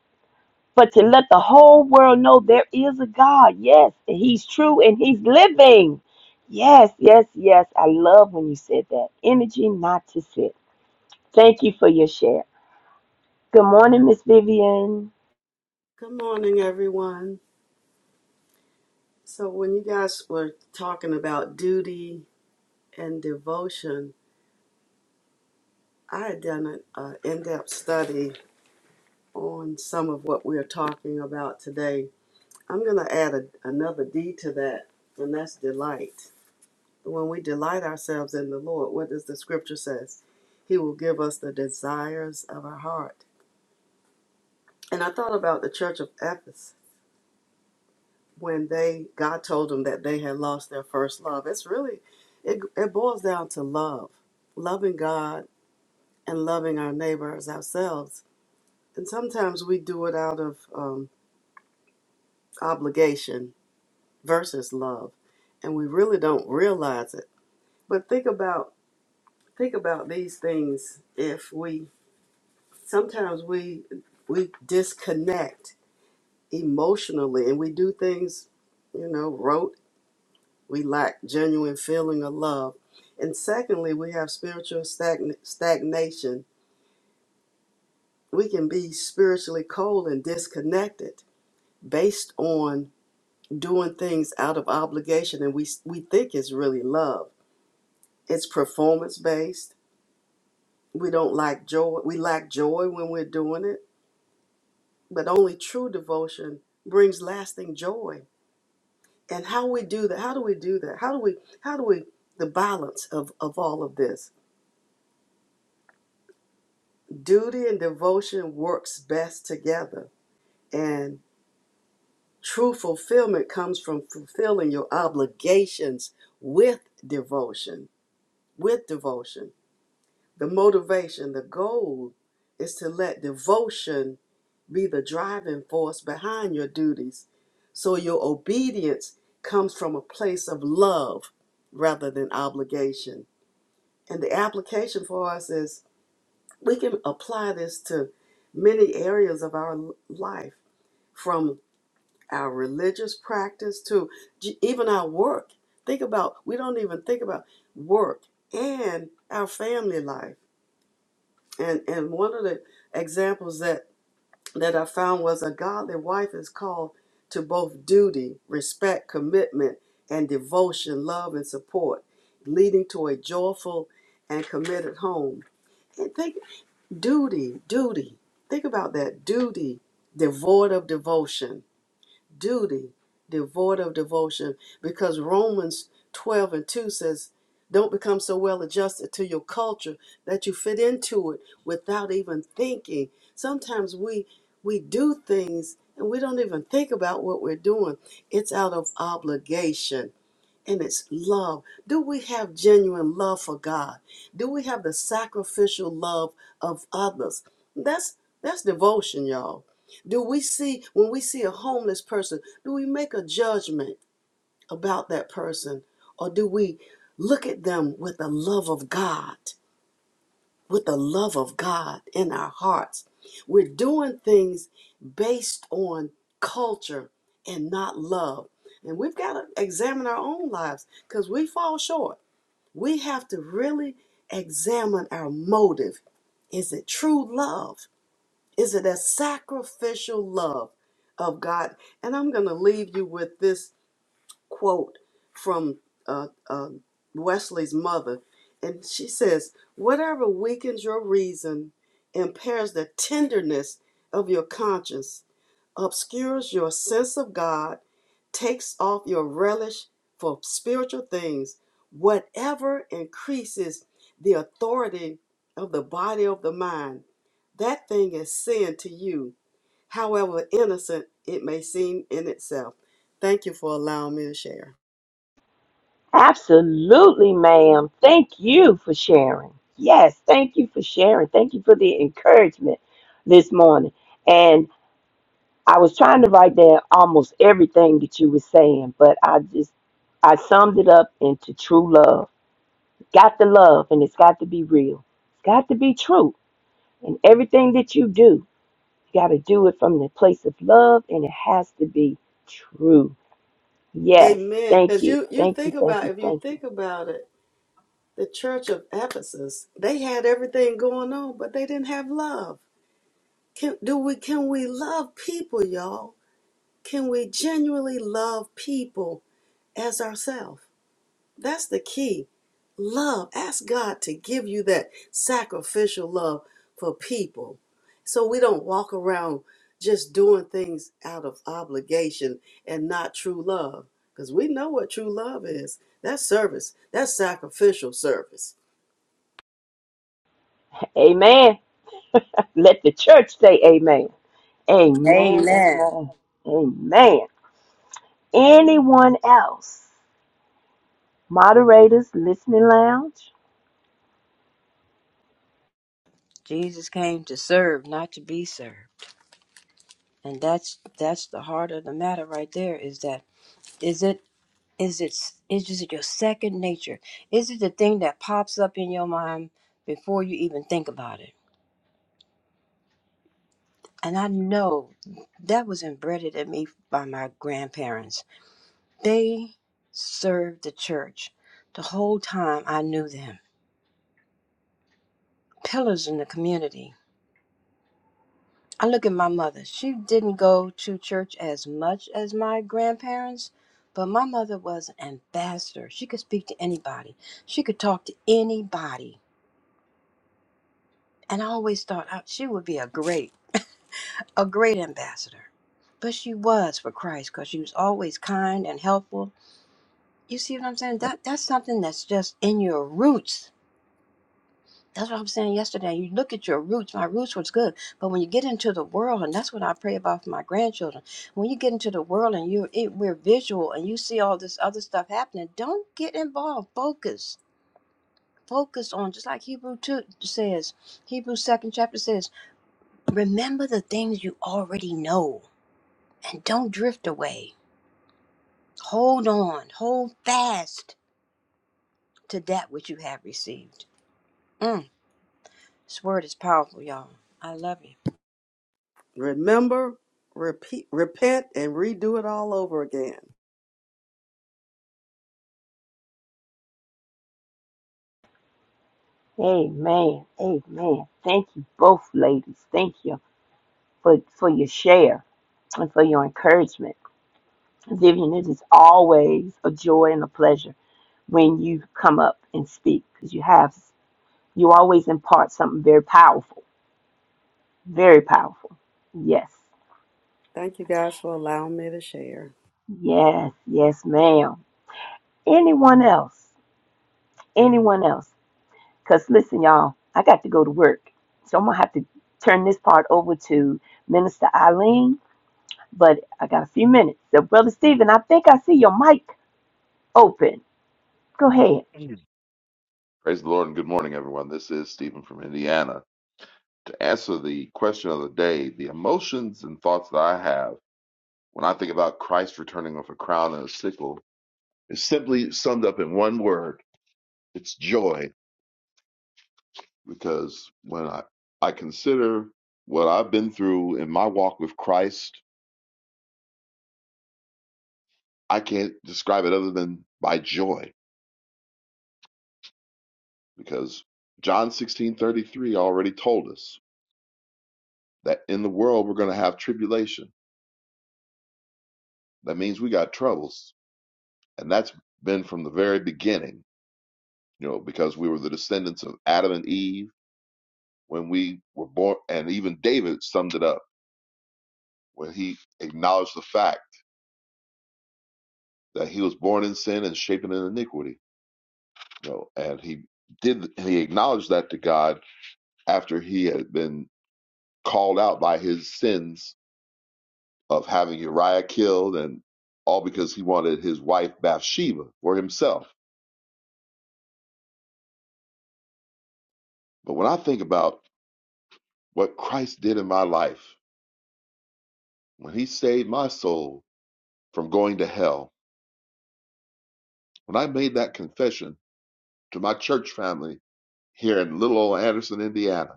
C: but to let the whole world know there is a God. Yes, and He's true and He's living. Yes, yes, yes. I love when you said that. Energy not to sit. Thank you for your share. Good morning, Miss Vivian.
H: Good morning, everyone. So, when you guys were talking about duty and devotion, I had done an in depth study on some of what we're talking about today. I'm going to add a, another D to that, and that's delight. When we delight ourselves in the Lord, what does the scripture say? He will give us the desires of our heart. And I thought about the church of Ephesus when they God told them that they had lost their first love. It's really it it boils down to love. Loving God and loving our neighbor as ourselves. And sometimes we do it out of um, obligation versus love, and we really don't realize it. But think about think about these things if we sometimes we we disconnect emotionally and we do things you know rote We lack genuine feeling of love. And secondly, we have spiritual stagn- stagnation. We can be spiritually cold and disconnected based on doing things out of obligation and we we think it's really love. It's performance based. We don't like joy. We lack joy when we're doing it, but only true devotion brings lasting joy. And how we do that? How do we do that? How do we how do we the balance of of all of this? Duty and devotion works best together. And true fulfillment comes from fulfilling your obligations with devotion. With devotion. The motivation, the goal is to let devotion be the driving force behind your duties. So your obedience comes from a place of love rather than obligation. And the application for us is we can apply this to many areas of our life from our religious practice to even our work. Think about, we don't even think about work and our family life. And, and one of the examples that, that I found was a godly wife is called to both duty, respect, commitment, and devotion, love, and support, leading to a joyful and committed home. And think duty, duty. Think about that duty devoid of devotion duty devoid of devotion because Romans 12 and 2 says, Don't become so well adjusted to your culture that you fit into it without even thinking. Sometimes we we do things and we don't even think about what we're doing. It's out of obligation and it's love. Do we have genuine love for God? Do we have the sacrificial love of others? That's that's devotion, y'all. Do we see when we see a homeless person, do we make a judgment about that person or do we look at them with the love of God? with the love of God in our hearts. We're doing things based on culture and not love. And we've got to examine our own lives because we fall short. We have to really examine our motive. Is it true love? Is it a sacrificial love of God? And I'm going to leave you with this quote from uh, uh, Wesley's mother, and she says, Whatever weakens your reason, impairs the tenderness of your conscience, obscures your sense of God, takes off your relish for spiritual things, whatever increases the authority of the body of the mind, that thing is sin to you however innocent it may seem in itself. Thank you for allowing me to share.
C: Absolutely, ma'am. Thank you for sharing. Yes, thank you for sharing. Thank you for the encouragement this morning. And I was trying to write down almost everything that you were saying, but I just I summed it up into true love. Got the love and it's got to be real. It's got to be true. And everything that you do, you gotta do it from the place of love and it has to be true. Yes.
H: Amen.
C: Thank
H: Because
C: you.
H: you you
C: Thank you.
H: think
C: Thank
H: about
C: you.
H: if you
C: Thank you.
H: think about it, the Church of Ephesus they had everything going on, but they didn't have love. Can do we can we love people, y'all? Can we genuinely love people as ourselves? That's the key love. Ask God to give you that sacrificial love for people so we don't walk around just doing things out of obligation and not true love because we know what true love is. That's service, that's sacrificial service.
C: Amen. Let the church say amen. Amen.
G: Amen.
C: Amen. Amen. Anyone else? Moderators, listening lounge?
G: Jesus came to serve, not to be served. And that's that's the heart of the matter right there is that Is it is it s- is it your second nature? Is it the thing that pops up in your mind before you even think about it? And I know that was embedded in me by my grandparents. They served the church the whole time I knew them. Pillars in the community. I look at my mother. She didn't go to church as much as my grandparents, but my mother was an ambassador. She could speak to anybody. She could talk to anybody And I always thought uh, she would be a great, a great ambassador. But she was for Christ because she was always kind and helpful. You see what I'm saying? That that's something that's just in your roots. That's what I'm saying yesterday. You look at your roots. My roots was good. But when you get into the world, and that's what I pray about for my grandchildren, when you get into the world and you it, we're visual and you see all this other stuff happening, don't get involved. Focus. Focus on just like Hebrew 2 says, Hebrew second chapter says. Remember the things you already know and don't drift away. Hold on, hold fast to that which you have received. Mm, this word is powerful, y'all. I love you.
H: Remember, repeat, repent, and redo it all over again.
C: Amen. Amen. Thank you both ladies. Thank you for, for your share and for your encouragement. Vivian, it is always a joy and a pleasure when you come up and speak because you have you always impart something very powerful. Very powerful. Yes.
H: Thank you guys for allowing me to share.
C: Yes. Yes, ma'am. Anyone else? Anyone else? Cause listen, y'all, I got to go to work. So I'm gonna have to turn this part over to Minister Eileen but I got a few minutes. So, Brother Stephen, I think I see your mic open. Go ahead.
I: Praise the Lord and good morning, everyone. This is Stephen from Indiana. To answer the question of the day, the emotions and thoughts that I have when I think about Christ returning with a crown and a sickle is simply summed up in one word it's joy. Because when I, I consider what I've been through in my walk with Christ, I can't describe it other than by joy. Because John sixteen thirty three already told us that in the world we're going to have tribulation. That means we got troubles And that's been from the very beginning, you know, because we were the descendants of Adam and Eve when we were born. And even David summed it up when he acknowledged the fact that he was born in sin and shapen in iniquity, you know, and he did, and he acknowledged that to God after he had been called out by his sins of having Uriah killed and all because he wanted his wife Bathsheba for himself. But when I think about what Christ did in my life, when he saved my soul, from going to hell. When I made that confession to my church family here in little old Anderson, Indiana,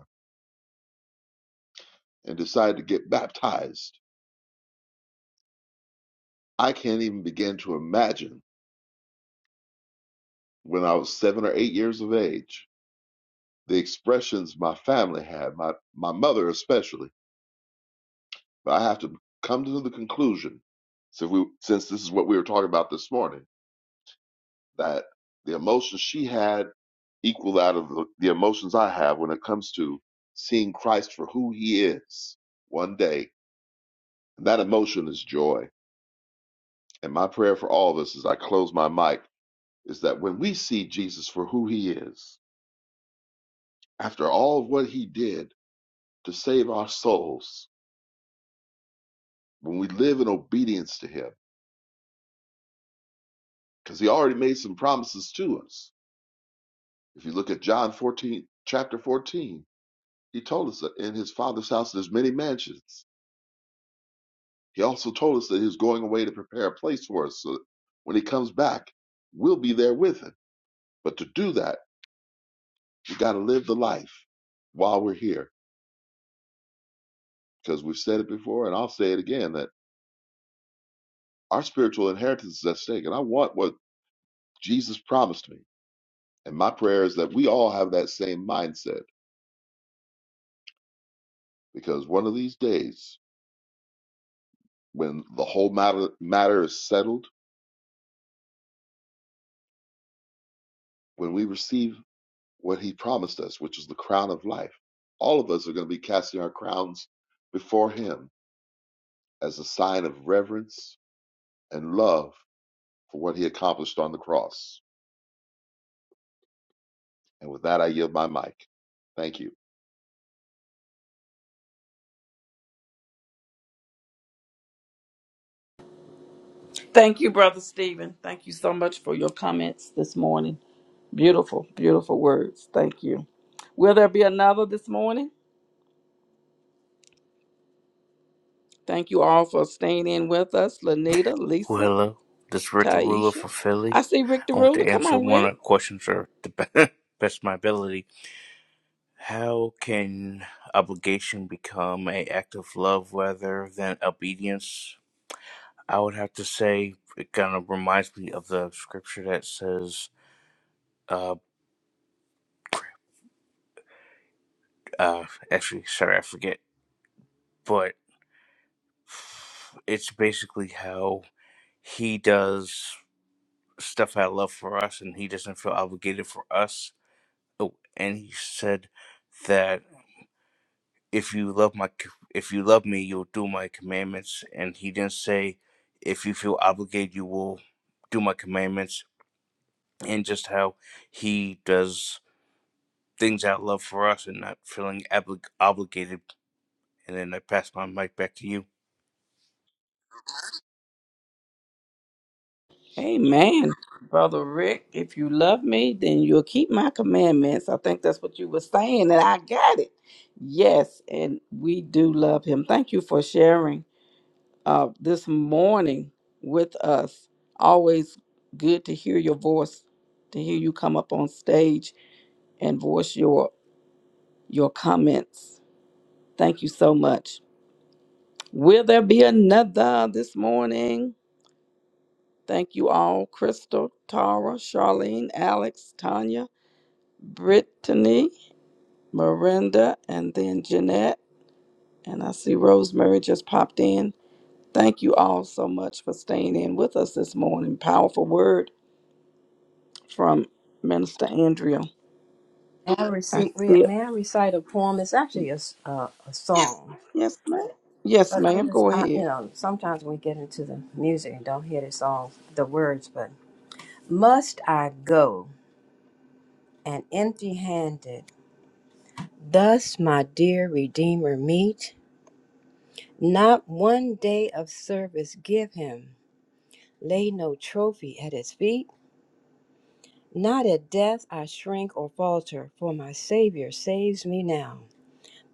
I: and decided to get baptized, I can't even begin to imagine when I was seven or eight years of age the expressions my family had, my, my mother especially. But I have to come to the conclusion, so we, since this is what we were talking about this morning, that the emotions she had equal that of the, the emotions I have when it comes to seeing Christ for who he is one day And That emotion is joy. And my prayer for all of us as I close my mic is that when we see Jesus for who he is, after all of what he did to save our souls, when we live in obedience to him, because he already made some promises to us. If you look at John 14, chapter 14, he told us that in his father's house there's many mansions. He also told us that he was going away to prepare a place for us so that when he comes back, we'll be there with him. But to do that, we got to live the life while we're here because we've said it before and I'll say it again that our spiritual inheritance is at stake. And I want what Jesus promised me. And my prayer is that we all have that same mindset because one of these days, when the whole matter, matter is settled, when we receive what he promised us, which is the crown of life, all of us are going to be casting our crowns before him as a sign of reverence and love for what he accomplished on the cross. And with that, I yield my mic. Thank you.
B: Thank you, Brother Stephen. Thank you so much for your comments this morning. Beautiful, beautiful words. Thank you. Will there be another this morning? Thank you all for staying in with us. Lanita,
J: Well,
B: Lisa,
J: hello. This is Rick the Ruler
B: Taisha.
J: for Philly.
B: I see Rick the
J: I want to
B: Ruler. Come
J: answer
B: on,
J: one of
B: Rick.
J: the questions or the be- best of my ability. How can obligation become an act of love rather than obedience? I would have to say it kind of reminds me of the scripture that says, uh, uh, actually, sorry, I forget, but it's basically how he does stuff out of love for us and he doesn't feel obligated for us Oh, and he said that if you love my if you love me, you'll do my commandments. And he didn't say if you feel obligated, you will do my commandments. And just how he does things out of love for us and not feeling oblig obligated. And then I pass my mic back to you.
B: Amen. Brother Rick, if you love me, then you'll keep my commandments. I think that's what you were saying, and I got it. Yes, and we do love him. Thank you for sharing uh, this morning with us. Always good to hear your voice, to hear you come up on stage and voice your your comments. Thank you so much. Will there be another this morning? Thank you all, Crystal, Tara, Charlene, Alex, Tanya. Brittany, Miranda, and then Jeanette. And I see Rosemary just popped in. Thank you all so much for staying in with us this morning. Powerful word from Minister Andrea.
G: May I,
B: I
G: receive,
B: see it.
G: may I recite a poem? It's actually a, s- uh, a song.
B: Yes, ma'am. Yes,
G: But I'm
B: ma'am.
G: just,
B: Go
G: I, you
B: ahead.
G: know, sometimes we get into the music and don't hear the song, the words, but must I go and empty handed, thus my dear Redeemer meet? Not one day of service give him. Lay no trophy at his feet. Not at death I shrink or falter, for my Savior saves me now.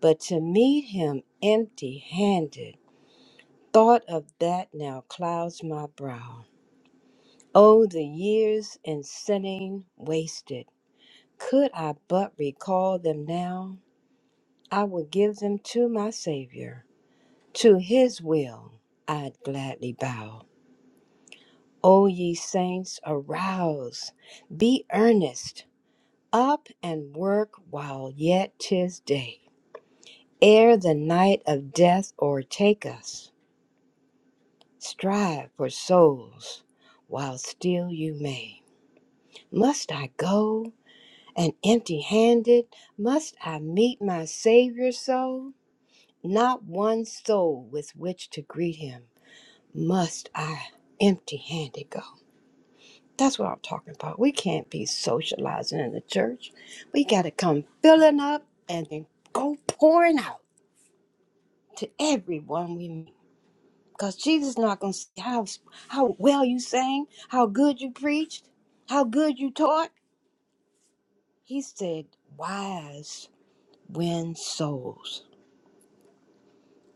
G: But to meet him empty handed, thought of that now clouds my brow. Oh, the years in sinning wasted. Could I but recall them now, I would give them to my Savior. To his will I'd gladly bow. O ye saints, arouse, be earnest, up and work while yet 'tis day, ere the night of death o'ertake us. Strive for souls while still you may. Must I go and empty handed? Must I meet my Savior so? Not one soul with which to greet him. Must I empty handed go? That's what I'm talking about. We can't be socializing in the church. We got to come filling up and then go pouring out to everyone we meet. Because Jesus not going to see how, how well you sang, how good you preached, how good you taught. He said, wise win souls.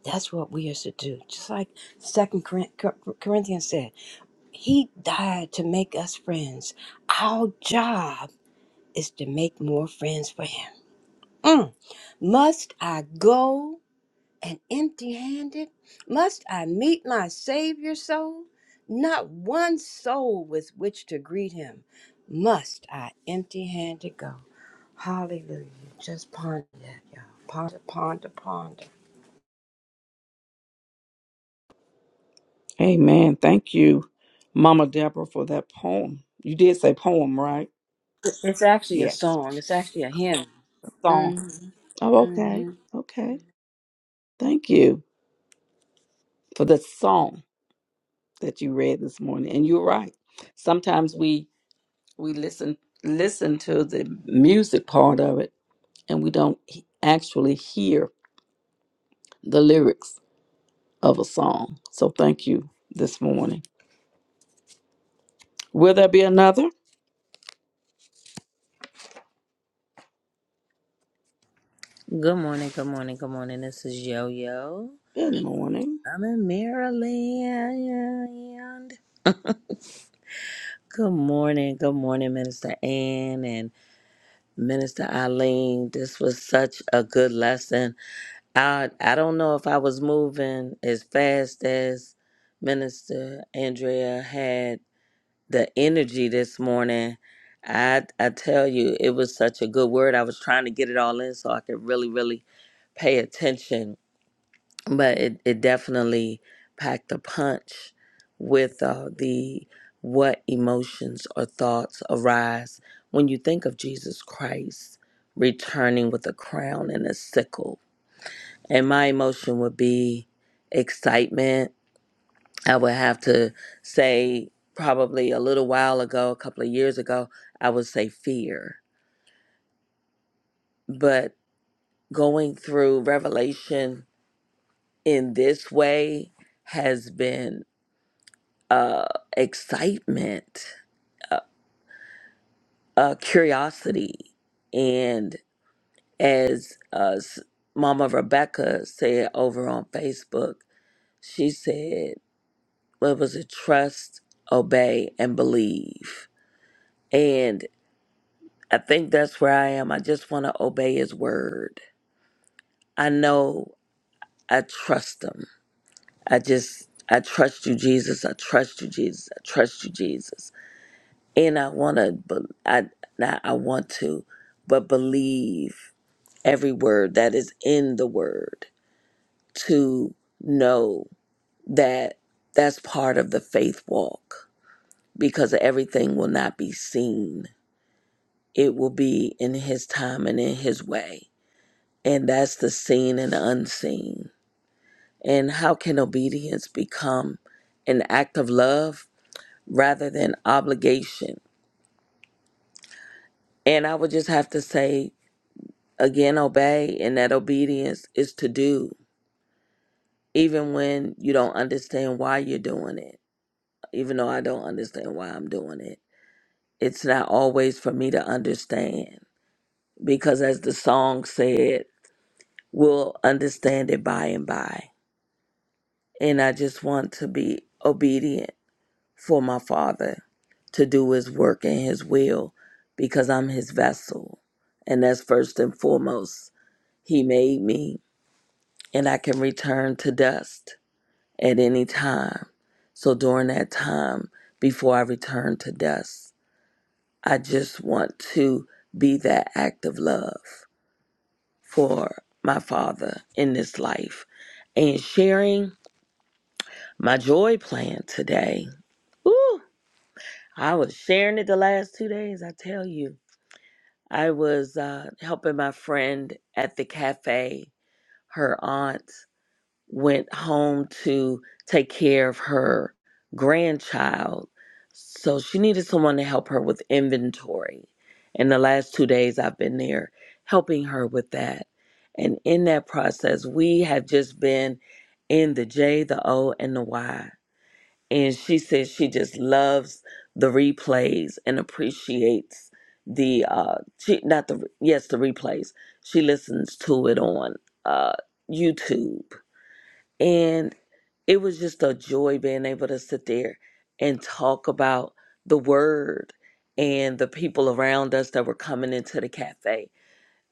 G: That's what we are to do. Just like Second Corinthians said, He died to make us friends. Our job is to make more friends for Him. Mm. Must I go and empty handed? Must I meet my Savior so? Not one soul with which to greet him. Must I empty handed go? Hallelujah. Just ponder that, y'all. Ponder, ponder, ponder.
B: Amen. Thank you, Mama Deborah, for that poem. You did say poem, right?
G: It's actually a
B: Yes.
G: song, it's actually a hymn.
B: A song.
G: mm hmm
B: Oh,
G: mm
B: okay.
G: hmm
B: Okay. Thank you for the song that you read this morning. And you're right. Sometimes we we listen listen to the music part of it and we don't he- actually hear the lyrics of a song so thank you this morning will there be another
K: Good morning, good morning, good morning. This is Yo Yo.
B: good morning
K: I'm in Maryland. Good morning, good morning, Minister Ann and Minister Eileen. This was such a good lesson. I I don't know if I was moving as fast as Minister Andrea had the energy this morning. I I tell you, it was such a good word. I was trying to get it all in so I could really, really pay attention but it, it definitely packed a punch with uh, the what emotions or thoughts arise when you think of Jesus Christ returning with a crown and a sickle. And my emotion would be excitement. I would have to say, probably a little while ago, a couple of years ago, I would say fear. But going through Revelation in this way has been uh, excitement, uh, uh, curiosity, and as uh, s- Mama Rebecca said over on Facebook, she said, "What was it? Trust, obey, and believe." And I think that's where I am. I just want to obey His word. I know I trust Him. I just I trust you, Jesus. I trust you, Jesus. I trust you, Jesus. and I want to, I not I want to, but believe every word that is in the word to know that that's part of the faith walk because everything will not be seen. It will be in His time and in His way, and that's the seen and unseen. And how can obedience become an act of love rather than obligation? And I would just have to say Again, obey, and that obedience is to do, even when you don't understand why you're doing it. Even though I don't understand why I'm doing it, it's not always for me to understand. Because as the song said, we'll understand it by and by. And I just want to be obedient for my Father to do His work and His will because I'm His vessel. And that's first and foremost. He made me, and I can return to dust. at any time. So during that time, before I return to dust, I just want to be that act of love for my father in this life and sharing my joy plan today. Ooh, I was sharing it the last two days, I tell you. I was uh, helping my friend at the cafe, her aunt. went home to take care of her grandchild. So she needed someone to help her with inventory. And the last two days I've been there helping her with that. And in that process, we have just been in the J, the O, and the Y. And she says she just loves the replays and appreciates the uh she not the yes the replays she listens to it on uh youtube and it was just a joy being able to sit there and talk about the word and the people around us that were coming into the cafe.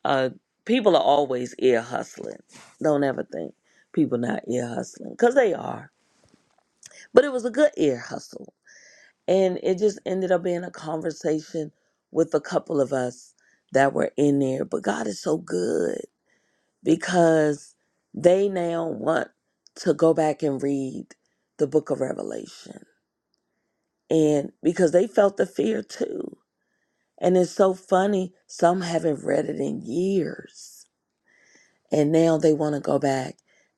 K: Uh, people are always ear hustling. Don't ever think people not ear hustling because they are. But it was a good ear hustle, and it just ended up being a conversation with a couple of us that were in there. But God is so good because they now want to go back and read the book of Revelation and because they felt the fear too. And it's so funny, some haven't read it in years, and now they want to go back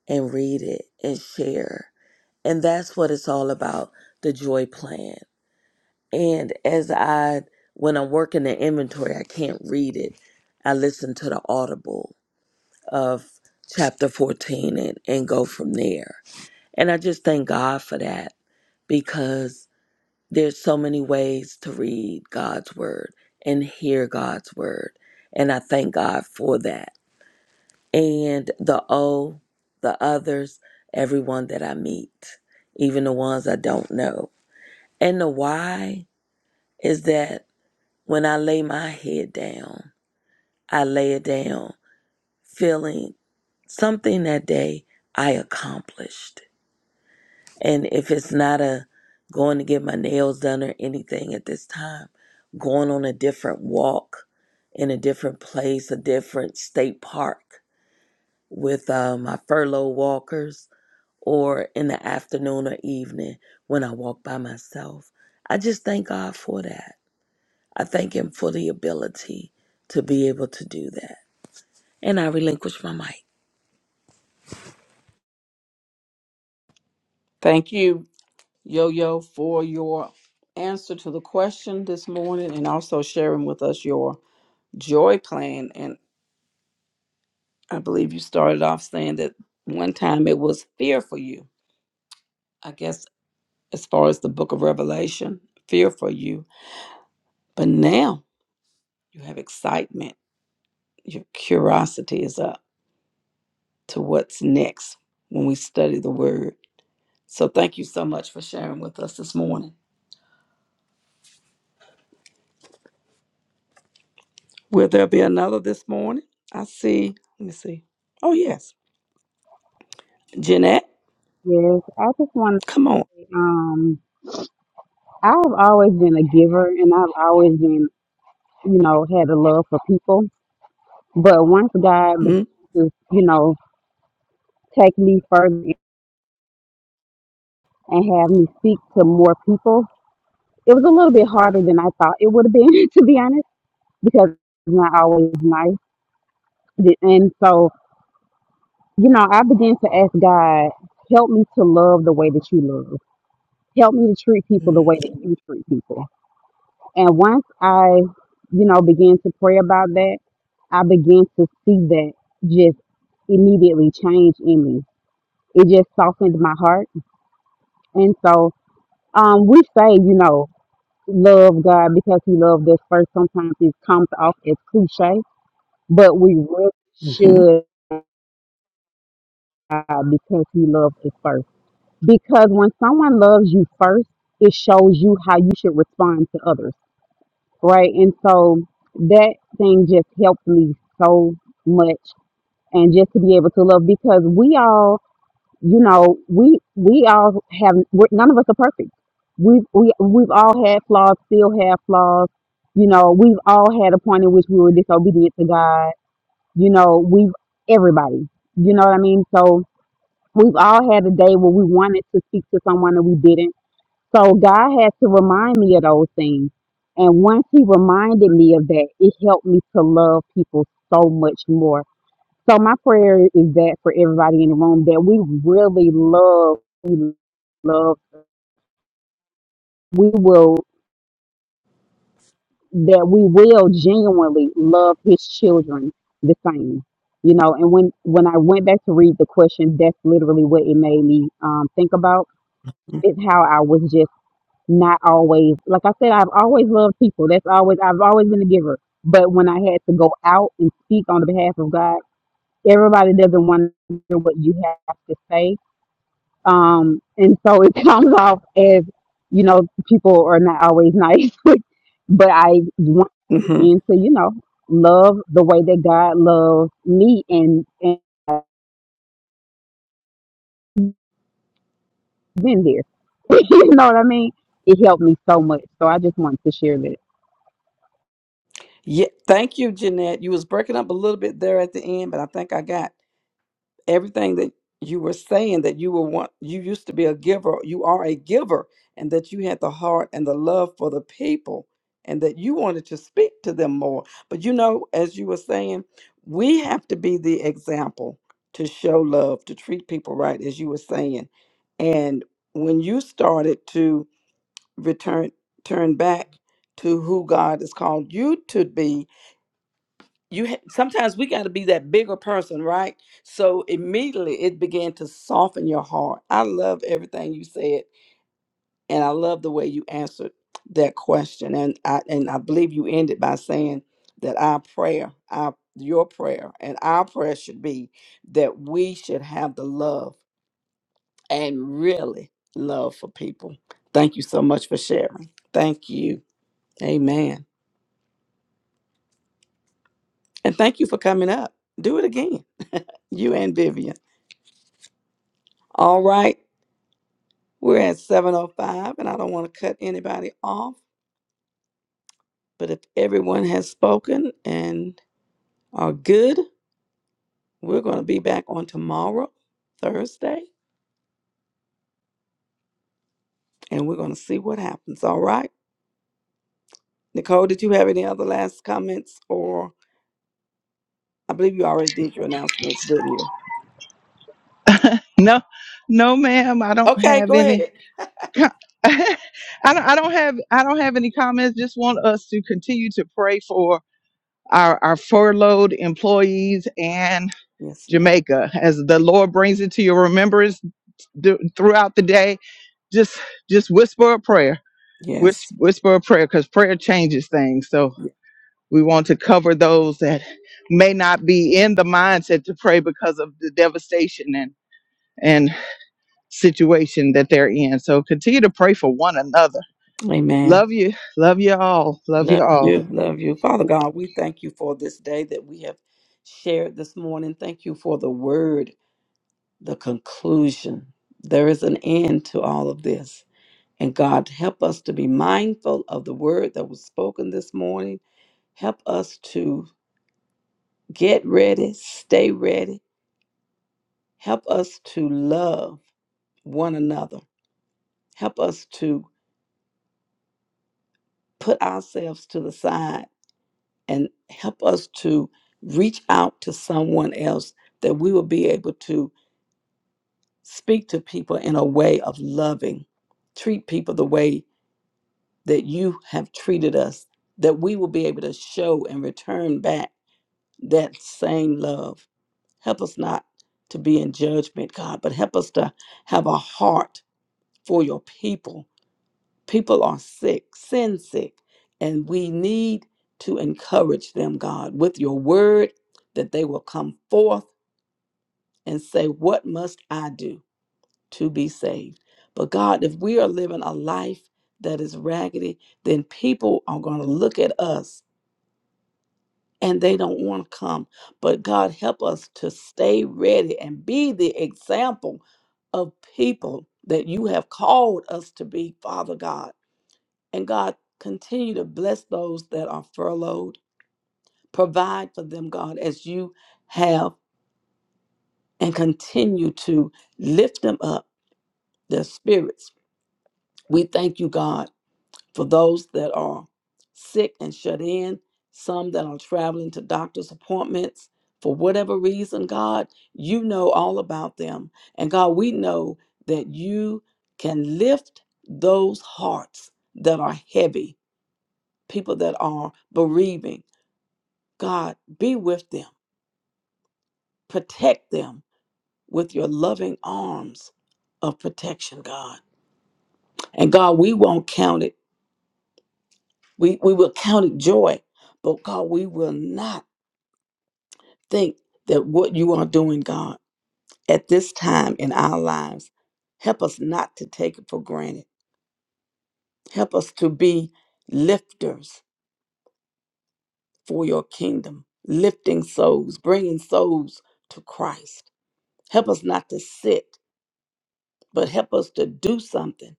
K: and read it and share. And that's what it's all about the joy plan. And as I, when I'm working the inventory, I can't read it. I listen to the audible of chapter 14 and, and go from there. And I just thank God for that because there's so many ways to read God's word and hear God's word. And I thank God for that. And the O, the others, everyone that I meet, even the ones I don't know. And the why is that when I lay my head down, I lay it down feeling something that day I accomplished And if it's not a going to get my nails done or anything at this time, going on a different walk in a different place, a different state park with uh, my furlough walkers, or in the afternoon or evening when I walk by myself. I just thank God for that. I thank Him for the ability to be able to do that. And I relinquish my mic.
B: thank you yo yo for your answer to the question this morning and also sharing with us your joy plan and i believe you started off saying that one time it was fear for you i guess as far as the book of revelation fear for you but now You have excitement. Your curiosity is up to what's next when we study the word. So thank you so much for sharing with us this morning. Will there be another this morning? I see. Let me see. Oh, yes. Jeanette,
L: Yes, I just want
B: come on.
L: to. Um, I've always been a giver, and I've always been, you know, had a love for people. But once God began
B: Mm,
L: to, you know, take me further and have me speak to more people, it was a little bit harder than I thought it would have been, to be honest, because it's not always nice. The- And so, you know, I began to ask God, help me to love the way that you love. Help me to treat people the
B: mm,
L: way that you treat people. And once I, you know, began to pray about that, I began to see that just immediately change in me. It just softened my heart. And so um, we say, you know, love God because He loved us first. Sometimes it comes off as cliche, but we really
B: mhm,
L: should uh, because He loved us first. Because when someone loves you first, it shows you how you should respond to others right? And so that thing just helped me so much, and just to be able to love because we all, you know, we we all have we're, none of us are perfect. We've we we've all had flaws, still have flaws. You know, we've all had a point in which we were disobedient to God. You know, we've everybody. You know what I mean? So we've all had a day where we wanted to speak to someone and we didn't so God had to remind me of those things. And once He reminded me of that, it helped me to love people so much more. So my prayer is that for everybody in the room that we really love, we love, we will, that we will genuinely love His children the same. You know, and when when I went back to read the question, that's literally what it made me um, think about.
B: mm,
L: Is how I was just not always like I said, I've always loved people. That's always I've always been a giver. But when I had to go out and speak on the behalf of God, everybody doesn't want to hear what you have to say. Um, and so it comes off as, you know, people are not always nice. but I want
B: mhm.
L: again to, you know, love the way that God loves me and and been there. you know what I mean? It helped me so much. So I just wanted to share that.
B: Yeah, thank you, Jeanette. You was breaking up a little bit there at the end, but I think I got everything that you were saying that you were want you used to be a giver you are a giver and that you had the heart and the love for the people and that you wanted to speak to them more but you know as you were saying we have to be the example to show love to treat people right as you were saying and when you started to return turn back to who god has called you to be you ha- sometimes we got to be that bigger person right so immediately it began to soften your heart i love everything you said and i love the way you answered that question and i and i believe you ended by saying that our prayer our your prayer and our prayer should be that we should have the love and really love for people thank you so much for sharing thank you amen and thank you for coming up do it again you and vivian all right We're at 7:05 and I don't want to cut anybody off, but if everyone has spoken and are good, we're going to be back on tomorrow, Thursday, and we're going to see what happens. All right? Nicole, did you have any other last comments or I believe you already did your announcements, didn't you?
A: No, no, ma'am, I don't
B: Okay,
A: have
B: go
A: any.
B: ahead.
A: co- I don't I don't have I don't have any comments. Just want us to continue to pray for our, our furloughed employees and
B: Yes, ma'am.
A: Jamaica as the Lord brings it to your remembrance th- throughout the day. Just just whisper a prayer. Whis-
B: Yes.
A: whisper a prayer because prayer changes things. So we want to cover those that may not be in the mindset to pray because of the devastation and and situation that they're in. So continue to pray for one another
B: Amen.
A: Love you. Love you all. Love you
B: Love you.
A: all.
B: Love you. Father God, we thank you for this day that we have shared this morning. Thank you for the word the conclusion. There is an end to all of this. And God, help us to be mindful of the word that was spoken this morning. Help us to get ready, stay ready. Help us to love one another. Help us to put ourselves to the side and help us to reach out to someone else that we will be able to speak to people in a way of loving, treat people the way that you have treated us, that we will be able to show and return back that same love. Help us not to be in judgment, God, but help us to have a heart for your people. People are sick, sin sick, and we need to encourage them, God, with your word that they will come forth and say, What must I do? to be saved. But God, if we are living a life that is raggedy, then people are going to look at us and they don't want to come. But God, help us to stay ready and be the example of people that you have called us to be, Father God. And God, continue to bless those that are furloughed. Provide for them, God, as you have, and continue to lift them up, their spirits. We thank you, God for those that are sick and shut in, some that are traveling to doctor's appointments for whatever reason, God, you know all about them. And God, we know that you can lift those hearts that are heavy, people that are bereaving. God, be with them, protect them with your loving arms of protection, God. And God, we won't count it. We, we will count it joy, but God, we will not think that what you are doing, God, at this time in our lives, help us not to take it for granted. Help us to be lifters for your kingdom, lifting souls, bringing souls to Christ. Help us not to sit, but help us to do something.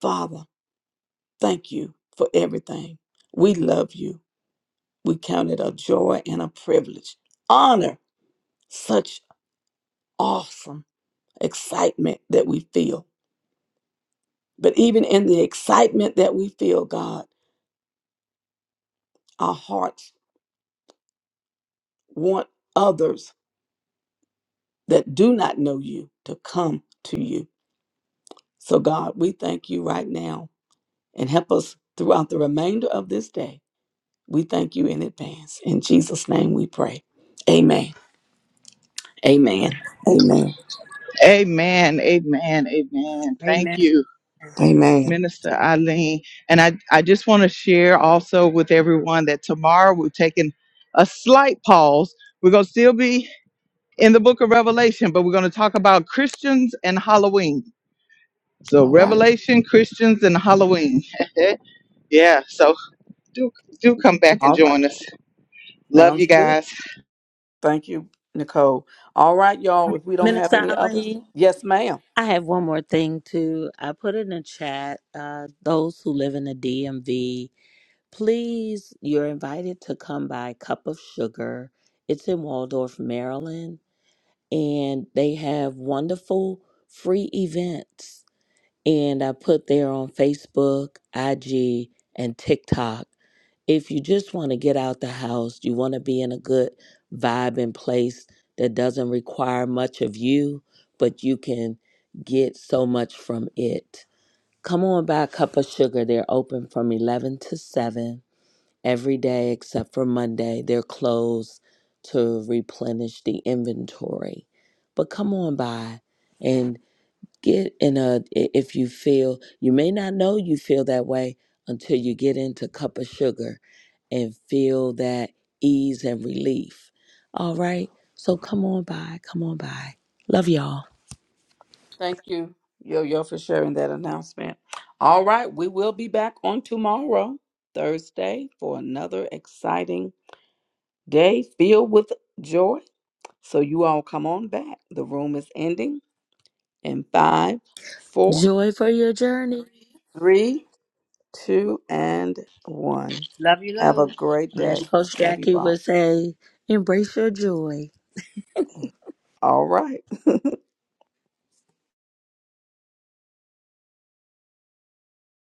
B: Father, thank you for everything. We love you. We count it a joy and a privilege. Honor such awesome excitement that we feel But even in the excitement that we feel, God, our hearts want others that do not know you to come to you. So, God, we thank you right now and help us throughout the remainder of this day. We thank you in advance. In Jesus' name we pray. Amen. Amen. Amen.
A: Amen. Amen. Amen. Thank
G: Amen.
A: you,
B: Amen.
A: Minister Eileen. And I want that tomorrow we're taking a slight pause. We're going to still be in the book of Revelation, but we're going to talk about Christians and Halloween. So
B: All right.
A: Revelation, Christians, and Halloween. yeah. So do do come back and
B: All right.
A: join us. Love you
B: Sounds good.
A: guys.
B: Thank you, Nicole. All right, y'all. If we don't have
K: Minister
B: any others,
K: Eileen.
B: yes, ma'am.
K: I have one more thing too. I put in the chat, uh, those who live in the DMV, please, you're invited to come by Cup of Sugar. It's in Waldorf, Maryland, and they have wonderful free events. And I put there on Facebook, IG, and TikTok if you just want to get out the house, you want to be in a good vibe and place that doesn't require much of you, but you can get so much from it. Come on by a cup of sugar. They're open from 11 to 7 every day except for Monday. They're closed to replenish the inventory. But come on by. and get in a i- if you feel you may not know you feel that way until you get into cup of sugar and feel that ease and relief all right so come on by come on by love y'all
B: Thank you, Yo Yo, for sharing that announcement. All right, we will be back on tomorrow, Thursday, for another exciting day filled with joy. So you all come on back. The room is ending in five, four,
K: joy for your journey
B: three, two, and one.
G: Love you,
B: Have
G: Lord.
B: a great
K: and as
B: day.
K: coach
B: Love you
K: jackie
B: all.
K: would say embrace your joy
B: All right.